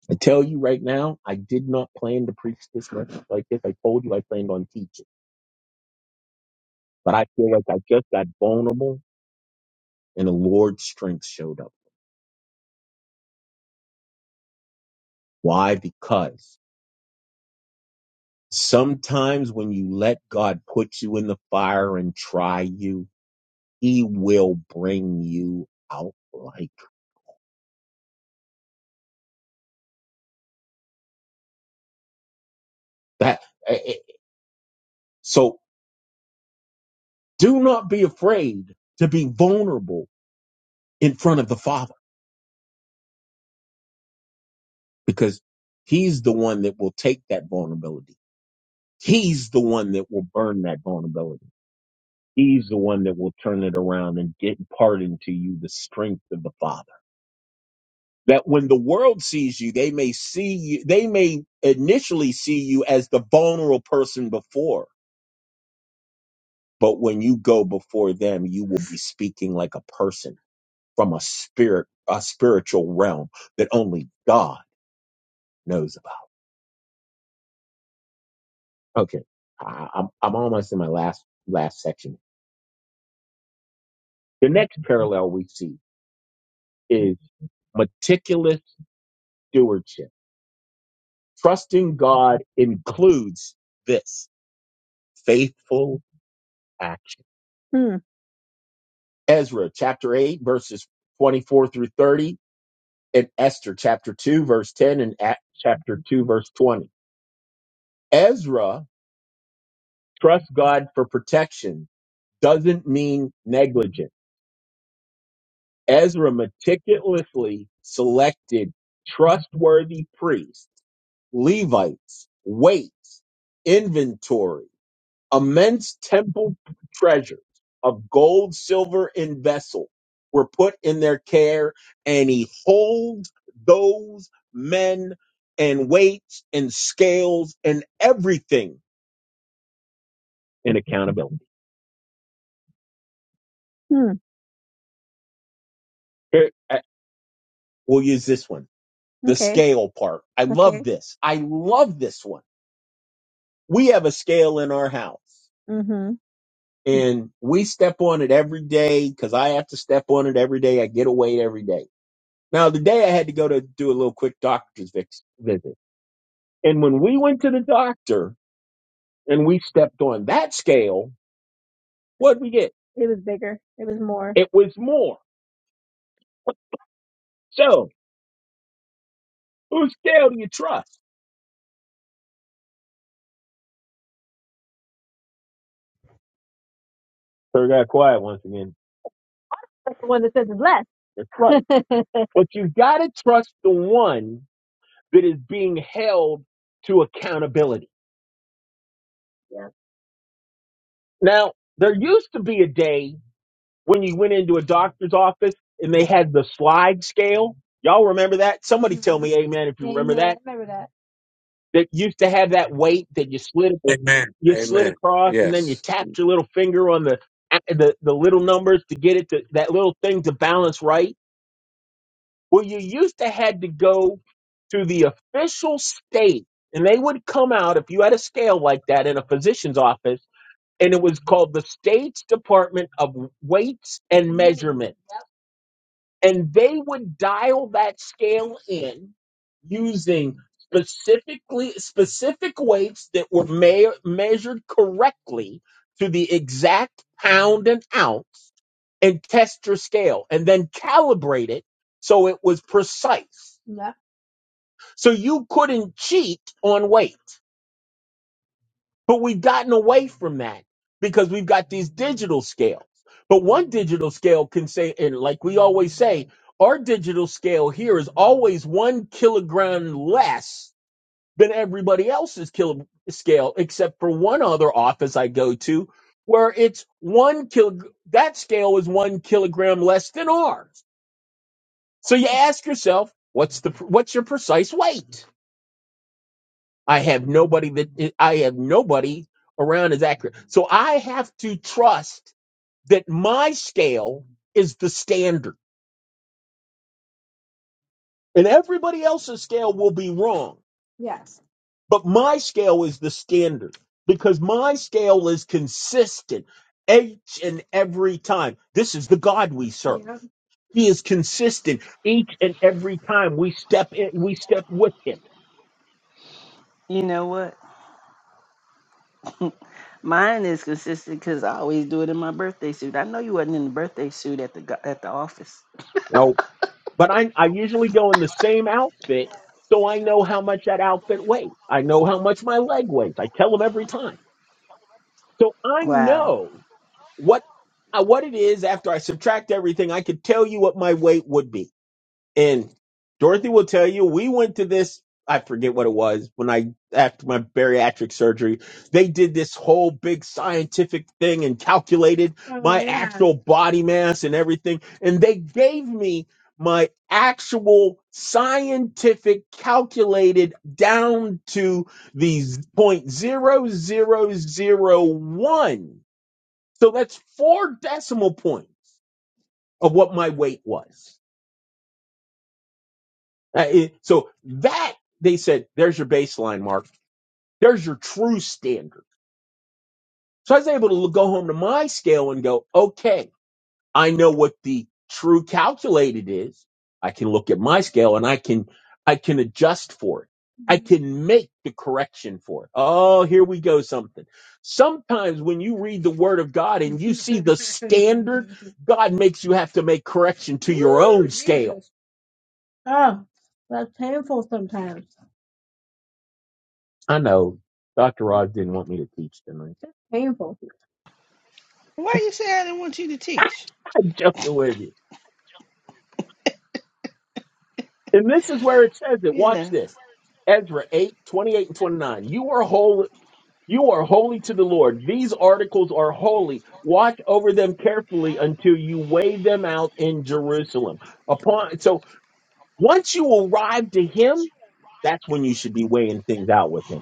Speaker 2: I tell you right now, I did not plan to preach this much like this. I told you I planned on teaching, but I feel like I just got vulnerable and the Lord's strength showed up. Why? Because sometimes when you let God put you in the fire and try you, he will bring you out like that. Eh, eh, So do not be afraid to be vulnerable in front of the Father because he's the one that will take that vulnerability. He's the one that will burn that vulnerability. He's the one that will turn it around and get impart into you the strength of the Father that when the world sees you, they may see you, they may initially see you as the vulnerable person before, but when you go before them, you will be speaking like a person from a spirit, a spiritual realm that only God knows about. Okay. I, I'm, I'm almost in my last, last section. The next parallel we see is meticulous stewardship. Trusting God includes this faithful action. Ezra chapter 8, verses 24 through 30, and Esther chapter 2, verse 10, and Act chapter 2, verse 20. Ezra trusts God for protection doesn't mean negligent. Ezra meticulously selected trustworthy priests, Levites, weights, inventory immense temple treasures of gold, silver, and vessel were put in their care, and he holds those men and weights and scales and everything in accountability. Hmm. Here, I- we'll use this one, the Okay. scale part. I love Okay. this. I love this one. We have a scale in our house hmm and we step on it every day because I have to step on it every day. I get away every day Now, today I had to go to do a little quick doctor's vix- visit. And when we went to the doctor and we stepped on that scale, what did we get? It was bigger. It was more. It was more. So, whose scale do you trust? So we got quiet once again. That's the one that says it's less. That's right. But you got to trust the one that is being held to accountability. Yeah. Now, there used to be a day when you went into a doctor's office and they had the slide scale. Y'all remember that? Somebody tell hmm me amen if you remember Amen. that. I remember that. That used to have that weight that you slid
Speaker 3: Amen.
Speaker 2: you slid
Speaker 3: Amen.
Speaker 2: across and then you
Speaker 3: Yes.
Speaker 2: tapped your little finger on the the, the little numbers to get it to that little thing to balance right. Well, you used to had to go to the official state and they would come out if you had a scale like that in a physician's office and it was called the state's department of weights and measurement and they would dial that scale in using specifically specific weights that were me- measured correctly to the exact pound and ounce and test your scale and then calibrate it so it was precise Yeah. so you couldn't cheat on weight but we've gotten away from that because we've got these digital scales. But one digital scale can say, and like we always say, our digital scale here is always one kilogram less than everybody else's kilo scale, except for one other office I go to where it's one kilo, that scale is one kilogram less than ours. So you ask yourself, what's the, what's your precise weight? I have nobody that eh, I have nobody around is accurate. So I have to trust that my scale is the standard and everybody else's scale will be wrong, Yes. but my scale is the standard because my scale is consistent each and every time. This is the God we serve. Yeah. He is consistent each and every time we step in, we step with him.
Speaker 4: You know what? Mine is consistent because I always do it in my birthday suit. I know you wasn't in the birthday suit at the go- at the office.
Speaker 2: No, but I, I usually go in the same outfit, so I know how much that outfit weighs. I know how much my leg weighs. I tell them every time, so I
Speaker 4: Wow.
Speaker 2: know what uh, what it is. After I subtract everything, I could tell you what my weight would be. And Dorothy will tell you, we went to this, I forget what it was, when I, after my bariatric surgery, they did this whole big scientific thing and calculated Oh my yeah. actual body mass and everything. And they gave me my actual scientific calculated down to these point zero zero zero one. So that's four decimal points of what my weight was. Uh, it- So that they said, there's your baseline, Mark. There's your true standard. So I was able to look- go home to my scale and go, okay, I know what the true calculated is. I can look at my scale and I can, I can adjust for it. I can make the correction for it. Oh, here we go. Something. Sometimes when you read the word of God and you see the standard, God makes you have to make correction to your own Ooh, scale. Jesus. Oh, that's painful sometimes. I know Dr. Rod didn't want me to teach tonight. That's painful.
Speaker 4: Why you say I didn't want you to teach?
Speaker 2: I'm joking with you. And this is where it says it.
Speaker 4: You
Speaker 2: Watch
Speaker 4: know.
Speaker 2: this. Ezra 8 28 and 29. You are holy. You are holy to the Lord. These articles are holy. Watch over them carefully until you weigh them out in Jerusalem. Upon so once you arrive to him, that's when you should be weighing things out with him.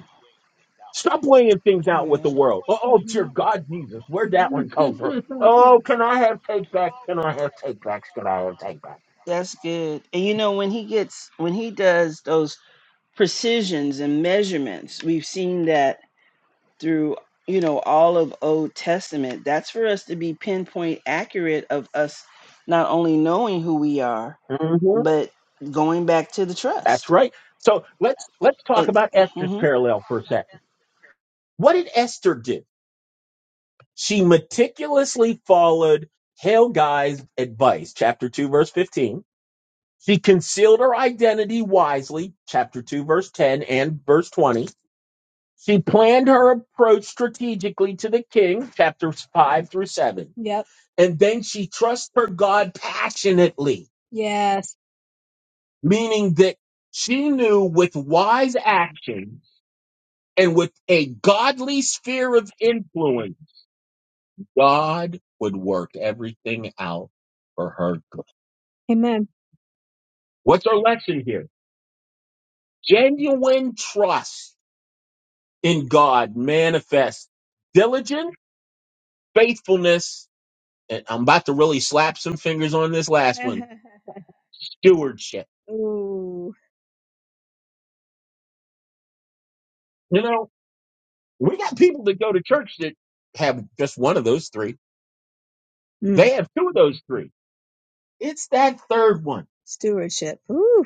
Speaker 2: Stop weighing things out with
Speaker 4: Yeah.
Speaker 2: the world. Oh, oh dear God, Jesus, where'd that one come from? Oh, can I have take backs? Can I have take backs? Can I have take backs?
Speaker 4: That's good. And you know when he gets when he does those precisions and measurements, we've seen that through you know all of Old Testament. That's for us to be pinpoint accurate of us not only knowing who we are,
Speaker 2: hmm
Speaker 4: but going back to the
Speaker 2: That's
Speaker 4: trust.
Speaker 2: right. So let's let's talk
Speaker 4: It,
Speaker 2: about Esther's
Speaker 4: hmm
Speaker 2: parallel for a second. What did Esther do? She meticulously followed Helgai's advice, chapter 2, verse 15. She concealed her identity wisely, chapter 2, verse 10 and verse 20. She planned her approach strategically to the king, chapters 5 through 7. Yep. And then she trusts her God passionately, Yes. meaning that she knew with wise action and with a godly sphere of influence. God would work everything out for her good. Amen. What's our lesson here? Genuine trust in God manifests diligent faithfulness. And I'm about to really slap some fingers on this last one. Stewardship. Ooh. You know, we got people that go to church that have just one of those three. Mm. They have two of those three. It's that third one. Stewardship. Ooh.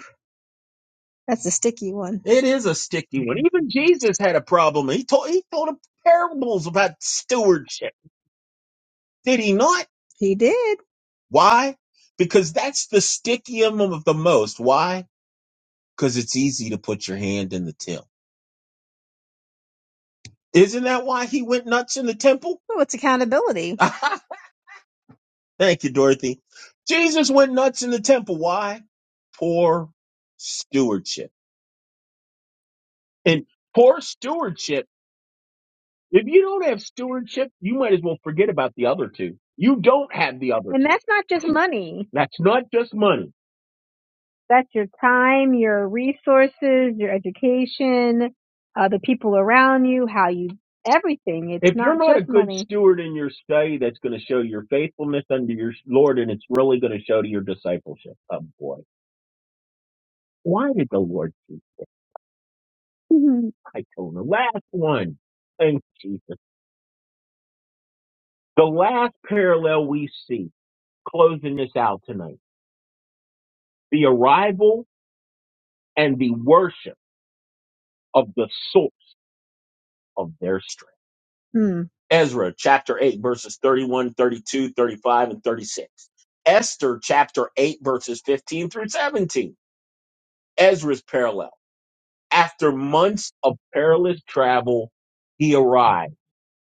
Speaker 2: That's a sticky one. It is a sticky one. Even Jesus had a problem. He told he told him parables about stewardship. Did he not? He did. Why? Because that's the stickium of the most. Why? Because it's easy to put your hand in the till. Isn't that why he went nuts in the temple? Oh, it's accountability. Aha! Thank you, Dorothy. Jesus went nuts in the temple. Why? Poor stewardship. And poor stewardship If you don't have stewardship, you might as well forget about the other two. You don't have the other And two. that's not just money. That's not just money. That's your time, your resources, your education, uh, the people around you, how you, everything. It's If you're not not a just good money. steward in your study, that's going to show your faithfulness unto your Lord, and it's really going to show to your discipleship. Oh boy, why did the Lord choose? I told the last one. Thank Jesus. The last parallel we see. closing this out tonight. The arrival and the worship of the source of their strength. Mm. Ezra chapter 8, verses 31, 32, 35, and 36. Esther chapter 8, verses 15 through 17. Ezra's parallel. After months of perilous travel, he arrived.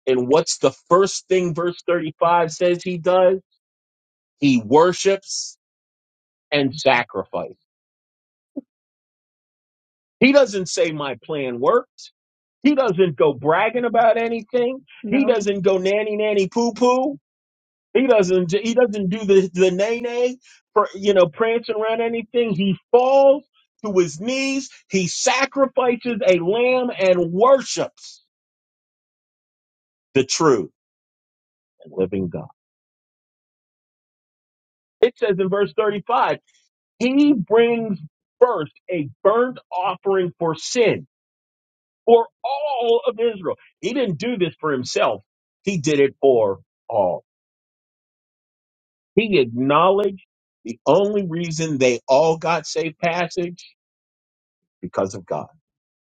Speaker 2: And what's the first thing verse 35 says he does? He worships and sacrifices. He doesn't say my plan worked. He doesn't go bragging about anything. He No. doesn't go nanny nanny poo poo. He doesn't he doesn't do the the nay nay for you know prancing around anything. He falls to his knees. He sacrifices a lamb and worships the true and living God. It says in verse 35, he brings first a burnt offering for sin for all of Israel. He didn't do this for himself, he did it for all. He acknowledged the only reason they all got safe passage because of God.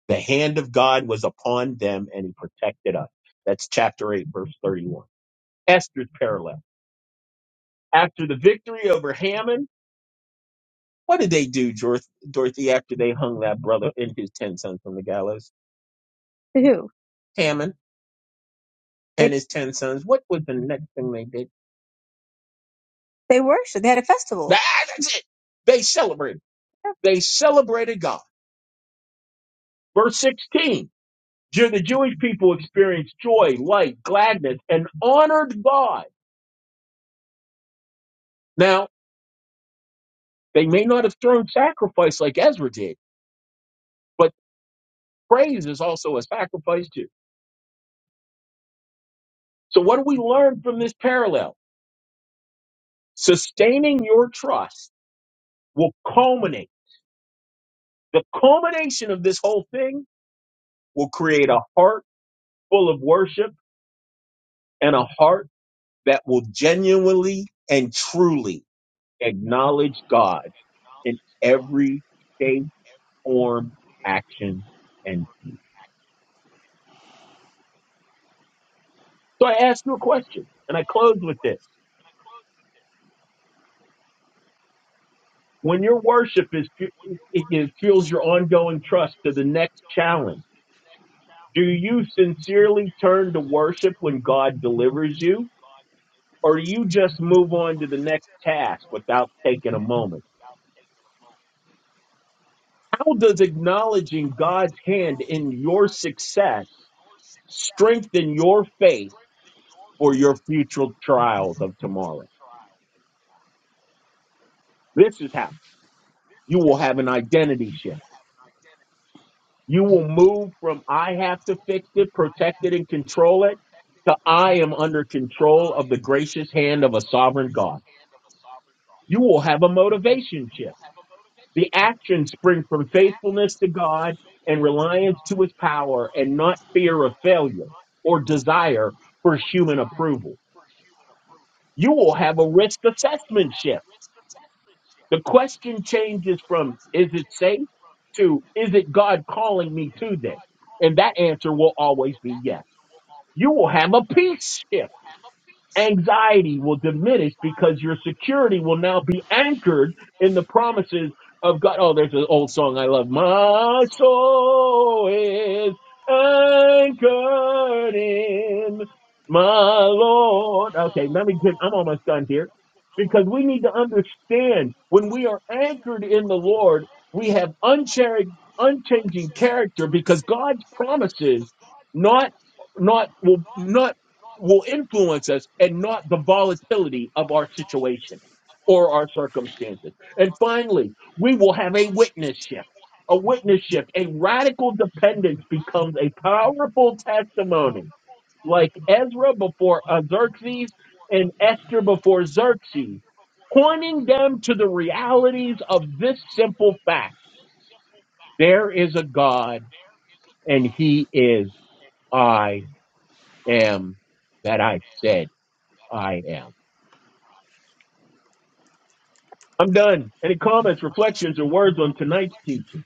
Speaker 2: The hand of God was upon them and he protected us. That's chapter 8, verse 31. Esther's parallel. After the victory over Haman, what did they do, Jor- Dorothy, after they hung that brother and his 10 sons from the gallows? To who? Haman and They his 10 sons. What was the next thing they did? They worshiped. They had a festival. That- That's it. They celebrated. They celebrated God. Verse 16. Ju- The Jewish people experienced joy, light, gladness, and honored God. Now, they may not have thrown sacrifice like Ezra did, but praise is also a sacrifice too. So what do we learn from this parallel? Sustaining your trust will culminate. The culmination of this whole thing will create a heart full of worship and a heart that will genuinely and truly acknowledge God in every shape, form, action, and deed. So I ask you a question, and I close with this. When your worship is, fu- it it fuels your ongoing trust to the next challenge. Do you sincerely turn to worship when God delivers you, or do you just move on to the next task without taking a moment? How does acknowledging God's hand in your success Strengthen your faith for your future trials of tomorrow. This is how you will have an identity shift. You will move from I have to fix it, protect it, and control it to I am under control of the gracious hand of a sovereign God. You will have a motivation shift. The actions spring from faithfulness to God and reliance to his power and not fear of failure or desire for human approval. You will have a risk assessment shift The question changes from is it safe to is it God calling me to this? And that answer will always be yes. You will have a peace shift anxiety will diminish because your security will now be anchored in the promises of God. Oh, there's an old song I love. My soul is anchored in my Lord. Okay, let me get, I'm almost done here because we need to understand when we are anchored in the Lord, we have unchari- unchanging character because God's promises not not will not will influence us and not the volatility of our situation or our circumstances. And finally, we will have a witness shift. A witness shift, a radical dependence becomes a powerful testimony, like Ezra before uh, Xerxes and Esther before Xerxes, pointing them to the realities of this simple fact. There is a God and he is I am that I said I am. I'm done. Any comments, reflections, or words on tonight's teaching?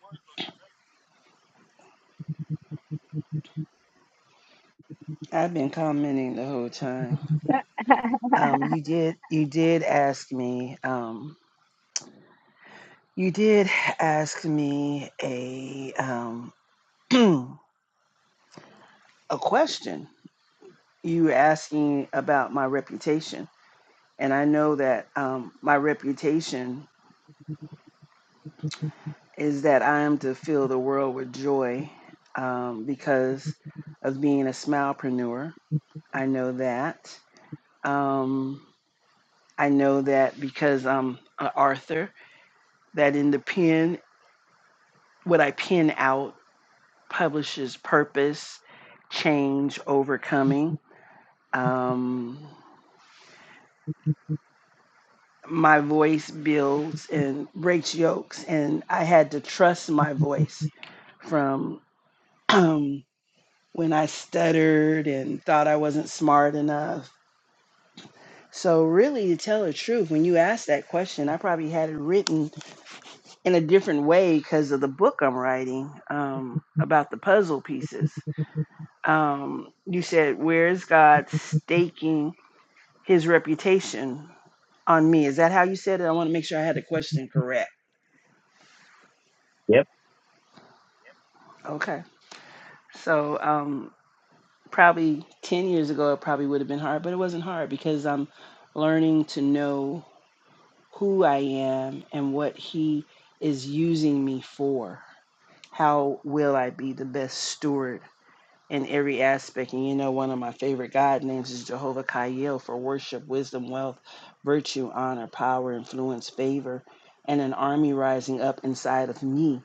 Speaker 4: I've been commenting the whole time. Um, you did you did ask me. Um, You did ask me a um, a question. You were asking about my reputation, and I know that um, my reputation is that I am to fill the world with joy um, because of being a smilepreneur. I know that. Um, I know that because I'm an author. That in the pen, what I pen out publishes purpose, change, overcoming. Um, my voice builds and breaks yokes, and I had to trust my voice from um, when I stuttered and thought I wasn't smart enough. So, really, to tell the truth, when you asked that question, I probably had it written in a different way because of the book I'm writing um, about the puzzle pieces. Um, you said, Where is God staking his reputation on me? Is that how you said it? I want to make sure I had the question correct.
Speaker 2: Yep.
Speaker 4: Okay. So um, probably 10 years ago, it probably would have been hard, but it wasn't hard because I'm learning to know who I am and what He is using me for. How will I be the best steward in every aspect? And you know, one of my favorite God names is Jehovah Kaiel for worship, wisdom, wealth, virtue, honor, power, influence, favor, and an army rising up inside of me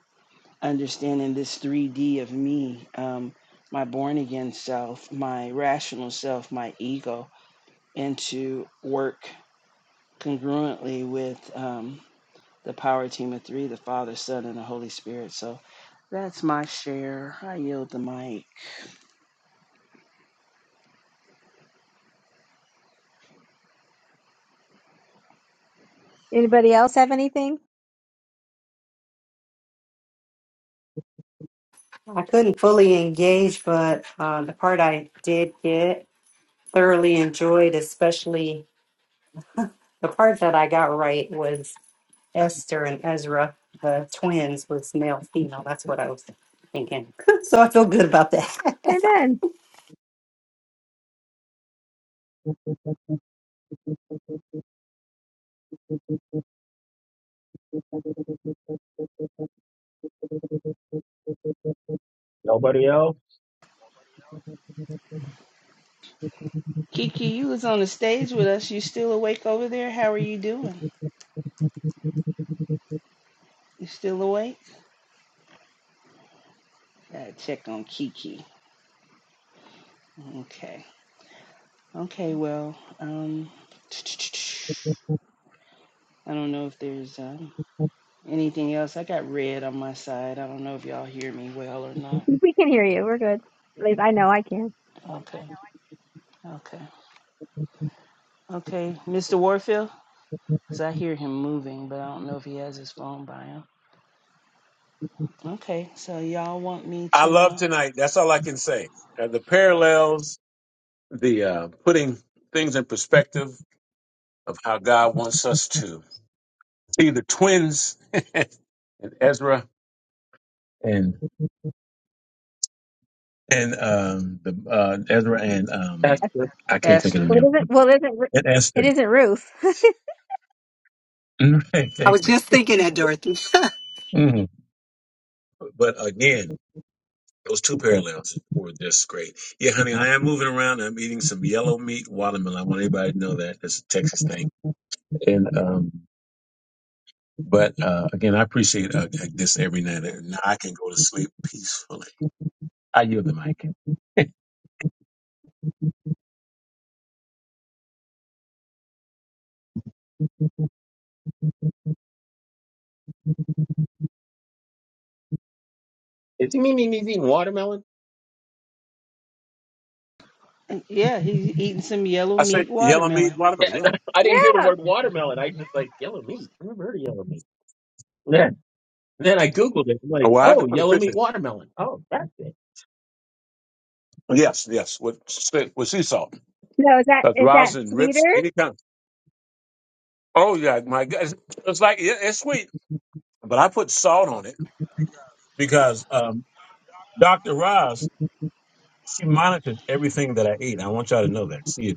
Speaker 4: understanding this 3D of me, um, my born again self, my rational self, my ego, and to work congruently with um, the power team of three the Father, Son, and the Holy Spirit. So that's my share. I yield the mic.
Speaker 2: Anybody else have anything?
Speaker 6: I couldn't fully engage, but uh, the part I did get thoroughly enjoyed, especially the part that I got right was Esther and Ezra, the twins, was male female. That's what I was thinking. so I feel good about
Speaker 2: Hey, Ben, Nobody else?
Speaker 4: Kiki, you was on the stage with us. You still awake over there? How are you doing? You still awake? Gotta check on Kiki. Okay. Okay, well, um I don't know if there's um, anything else. I got red on my side. I don't know if y'all hear me well or not.
Speaker 2: we can hear you. We're good. At least I know I can.
Speaker 4: Okay. Okay. Okay. Mr. Warfield? Because I hear him moving, but I don't know if he has his phone by him. Okay. So y'all want me
Speaker 3: I
Speaker 4: to.
Speaker 3: love
Speaker 4: Uh,
Speaker 3: tonight. That's all I can say. Uh, the parallels, the uh, putting things in perspective of how God wants us to see the twins and Ezra and and um, the uh, Ezra and um, I can't think of the
Speaker 4: Esther?
Speaker 2: Well, it
Speaker 3: name
Speaker 2: isn't. Well, it isn't. Ru-
Speaker 3: and
Speaker 2: It
Speaker 3: Esther.
Speaker 2: isn't Ruth.
Speaker 3: Mhm. Thank you. Mhm. But again, those two parallels were just great. Yeah, honey, I am moving around. I'm eating some yellow meat watermelon. I want everybody to know that. That's a Texas thing And um, but uh, again, I appreciate uh, uh, this every night, and now I can go to sleep peacefully. I yield the mic.
Speaker 2: Is he mean he's eating watermelon?
Speaker 4: Yeah, he's eating some yellow
Speaker 3: I said
Speaker 4: meat
Speaker 3: yellow meat
Speaker 4: watermelon.
Speaker 2: Yeah,
Speaker 3: watermelon. Yeah.
Speaker 2: I didn't hear the yeah. word watermelon. I just like yellow meat. I never heard of yellow meat. Yeah. Then I googled it. I'm
Speaker 3: Oh,
Speaker 2: like,
Speaker 3: Well, I have to
Speaker 2: oh,
Speaker 3: put a
Speaker 2: yellow
Speaker 3: picture.
Speaker 2: meat watermelon. Oh, that's it.
Speaker 3: Yes, yes, with sa- with sea salt.
Speaker 2: No, is that
Speaker 3: Because
Speaker 2: is that
Speaker 3: rosin rips
Speaker 2: sweeter?
Speaker 3: any kind. Oh yeah, my God, it's, it's like yeah, it's sweet. but I put salt on it because um, Dr. Roz, she monitored everything that I ate. I want y'all to know that she is,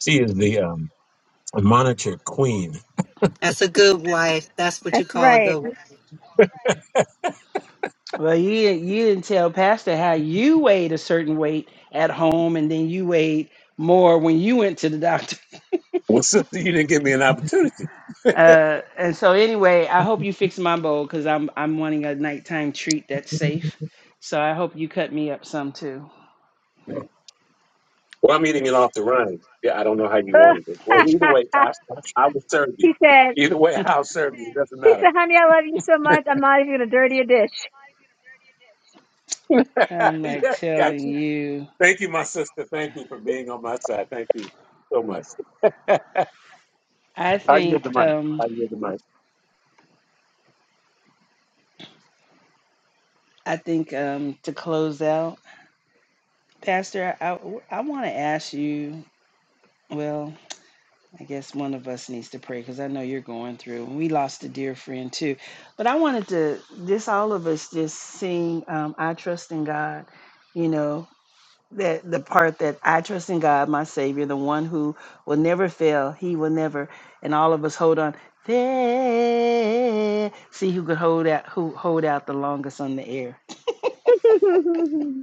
Speaker 3: she is the um, monitor queen.
Speaker 6: That's a good wife. That's what you
Speaker 2: That's
Speaker 6: call a
Speaker 2: right.
Speaker 6: good wife.
Speaker 4: Well, you, you didn't tell Pastor how you weighed a certain weight at home and then you weighed more when you went to the doctor.
Speaker 3: Well, sister, you didn't give me an opportunity.
Speaker 4: Uh, and so anyway, I hope you fix my bowl because I'm I'm wanting a nighttime treat that's safe. So I hope you cut me up some too.
Speaker 3: Well, I'm eating it off the run. Yeah, I don't know how you wanted it. Well, either
Speaker 2: Ugh.
Speaker 3: way, I, I will serve you.
Speaker 2: He said,
Speaker 3: Either way, I'll serve you. It doesn't
Speaker 2: he
Speaker 3: matter.
Speaker 2: said, honey, I love you so much. I'm not even going to dirty a dish.
Speaker 4: I'm like
Speaker 3: yeah, got
Speaker 4: telling
Speaker 3: you.
Speaker 4: you.
Speaker 3: Thank you, my sister. Thank you for being on my side. Thank you so much.
Speaker 4: I
Speaker 3: I yield
Speaker 4: think
Speaker 3: the mic.
Speaker 4: um
Speaker 3: I yield
Speaker 4: I think um to close out, Pastor, I I want to ask you. Well, I guess one of us needs to pray because I know you're going through. we lost a dear friend too. But I wanted to this all of us just sing um, I trust in God, you know. that the part that I trust in God, my Savior, the one who will never fail. He will never, and all of us hold on. There, see who could hold out, who hold out the longest on the air.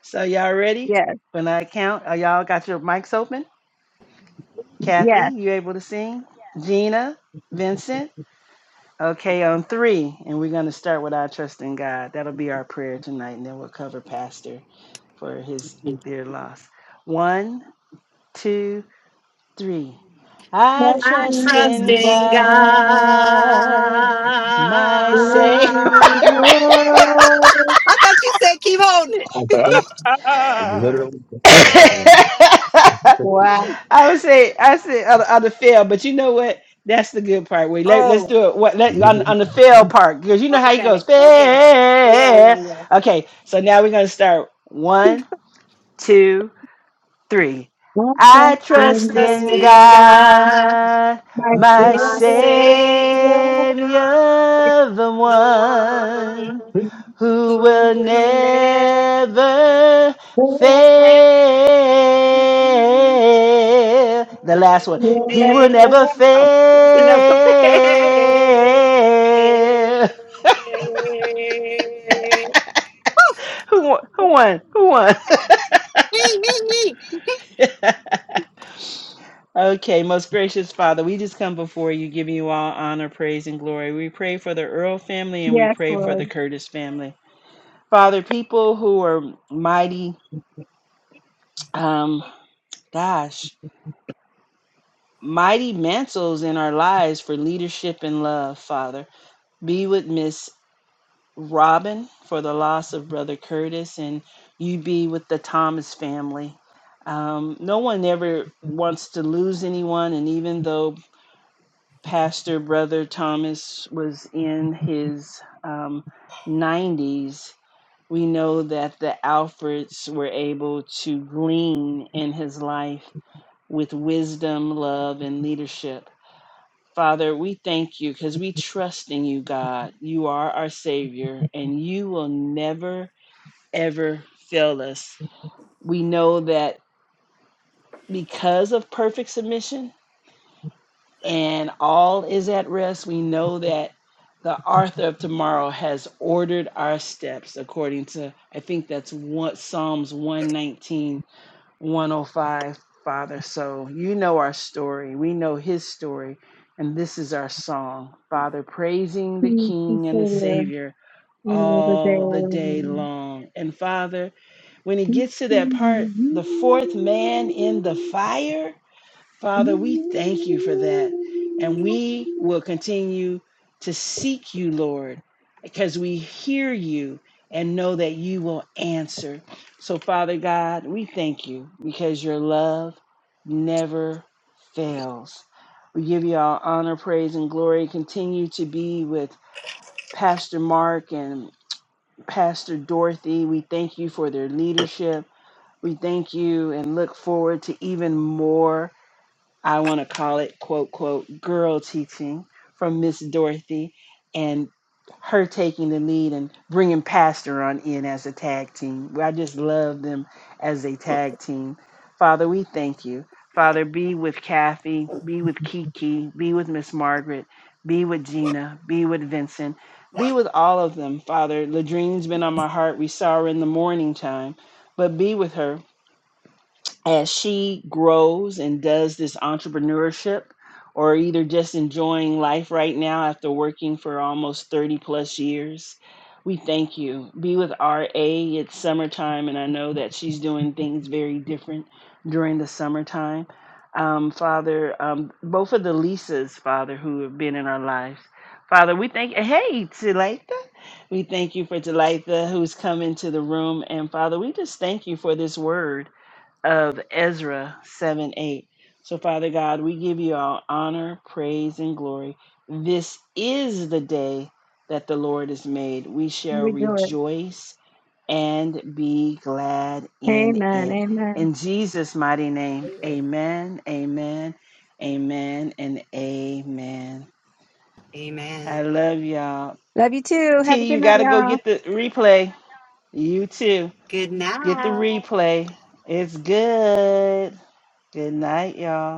Speaker 4: So y'all ready?
Speaker 2: yes,
Speaker 4: When I count, are y'all got your mics open? Kathy,
Speaker 2: yes.
Speaker 4: you able to sing? Gina, Vincent. Okay, on three, and we're gonna start with our trust in God. That'll be our prayer tonight, and then we'll cover Pastor for his dear loss. One, two. three. I
Speaker 6: I
Speaker 4: trust
Speaker 6: trust
Speaker 4: in
Speaker 6: in God.
Speaker 4: God, my Savior.
Speaker 6: I thought you said keep holding it.
Speaker 2: I
Speaker 3: the
Speaker 2: just
Speaker 3: mic.
Speaker 2: literally just saw a thing.
Speaker 6: Ah.
Speaker 2: I just Wow.
Speaker 4: I would say I say on, on the fail, but you know what? That's the good part. Wait, let,
Speaker 6: Oh.
Speaker 4: let's do it. What let on,
Speaker 2: literally
Speaker 4: on the
Speaker 2: saw a
Speaker 4: fail
Speaker 2: thing.
Speaker 4: part because you know how he goes.
Speaker 6: Okay, okay. Yeah, yeah,
Speaker 4: Fail.
Speaker 6: yeah.
Speaker 4: Okay, so now we're gonna start. One, two. three.
Speaker 2: Think
Speaker 4: I
Speaker 6: I
Speaker 4: trust
Speaker 6: trust
Speaker 4: in
Speaker 6: in God,
Speaker 4: God, my
Speaker 6: my Savior,
Speaker 4: Savior, the
Speaker 6: the
Speaker 4: one
Speaker 6: one
Speaker 4: who will
Speaker 6: who will never
Speaker 4: never
Speaker 6: fail.
Speaker 4: fail. The last one, He will never
Speaker 6: Oh, he will never fail.
Speaker 4: fail. Who won? Who won? Who won? Okay, most gracious Father, we just come before you, giving you all honor, praise, and glory. We pray for the Earl family and we
Speaker 2: Yes,
Speaker 4: pray for the
Speaker 2: Lord.
Speaker 4: Curtis family. Father, people who are mighty, um, gosh, mighty mantles in our lives for leadership and love, Father. Be with Miss Robin for the loss of Brother Curtis, and you be with the Thomas family. Um, no one ever wants to lose anyone, and even though Pastor Brother Thomas was in his um, 90s, we know that the Alfreds were able to glean in his life with wisdom, love, and leadership. Father, we thank you because we trust in you, God. You are our Savior, and you will never, ever fail us. We know that because of perfect submission, and all is at rest, we know that the author of tomorrow has ordered our steps according to, I think that's what Psalms one nineteen one o five. Father. So you know our story. We know his story. And this is our song, Father, praising the
Speaker 2: Please
Speaker 4: King and the
Speaker 2: consider
Speaker 4: Savior
Speaker 2: me over
Speaker 4: all the day
Speaker 2: there.
Speaker 4: long. And Father, when he gets to that part, the fourth man in the fire. Father, we thank you for that. And we will continue to seek you, Lord, because we hear you and know that you will answer. So, Father God, we thank you because your love never fails. We give you all honor, praise, and glory. Continue to be with Pastor Mark and Pastor Dorothy. We thank you for their leadership. We thank you and look forward to even more. I want to call it quote, quote, girl teaching from Miss Dorothy and her taking the lead and bringing Pastor on in as a tag team. Well, I just love them as a tag team. Father, we thank you. Father, be with Kathy, be with Kiki, be with Miss Margaret, be with Gina, be with Vincent, be with all of them. Father, Ladrine's been on my heart. We saw her in the morning time, but be with her as she grows and does this entrepreneurship or either just enjoying life right now after working for almost 30 plus years. We thank you. Be with RA. It's summertime, and I know that she's doing things very different during the summertime. Um, Father, um, both of the Lisas, Father, who have been in our lives, Father, we thank, hey, Talitha. We thank you for Talitha who's come into the room. And Father, we just thank you for this word of Ezra 7 8. So, Father God, we give you all honor, praise, and glory. This is the day that the Lord has made. We shall
Speaker 2: Rejoice.
Speaker 4: rejoice and be glad in
Speaker 2: Amen.
Speaker 4: it.
Speaker 2: Amen.
Speaker 4: In Jesus' mighty name, amen, amen, amen, and amen.
Speaker 6: Amen.
Speaker 4: I love y'all.
Speaker 2: Love you too. Have
Speaker 4: T,
Speaker 2: a good
Speaker 4: you
Speaker 2: night,
Speaker 4: got to go
Speaker 2: y'all.
Speaker 4: get the replay. You too.
Speaker 6: Good
Speaker 4: Get the
Speaker 6: night.
Speaker 4: replay. It's good. Good night, y'all.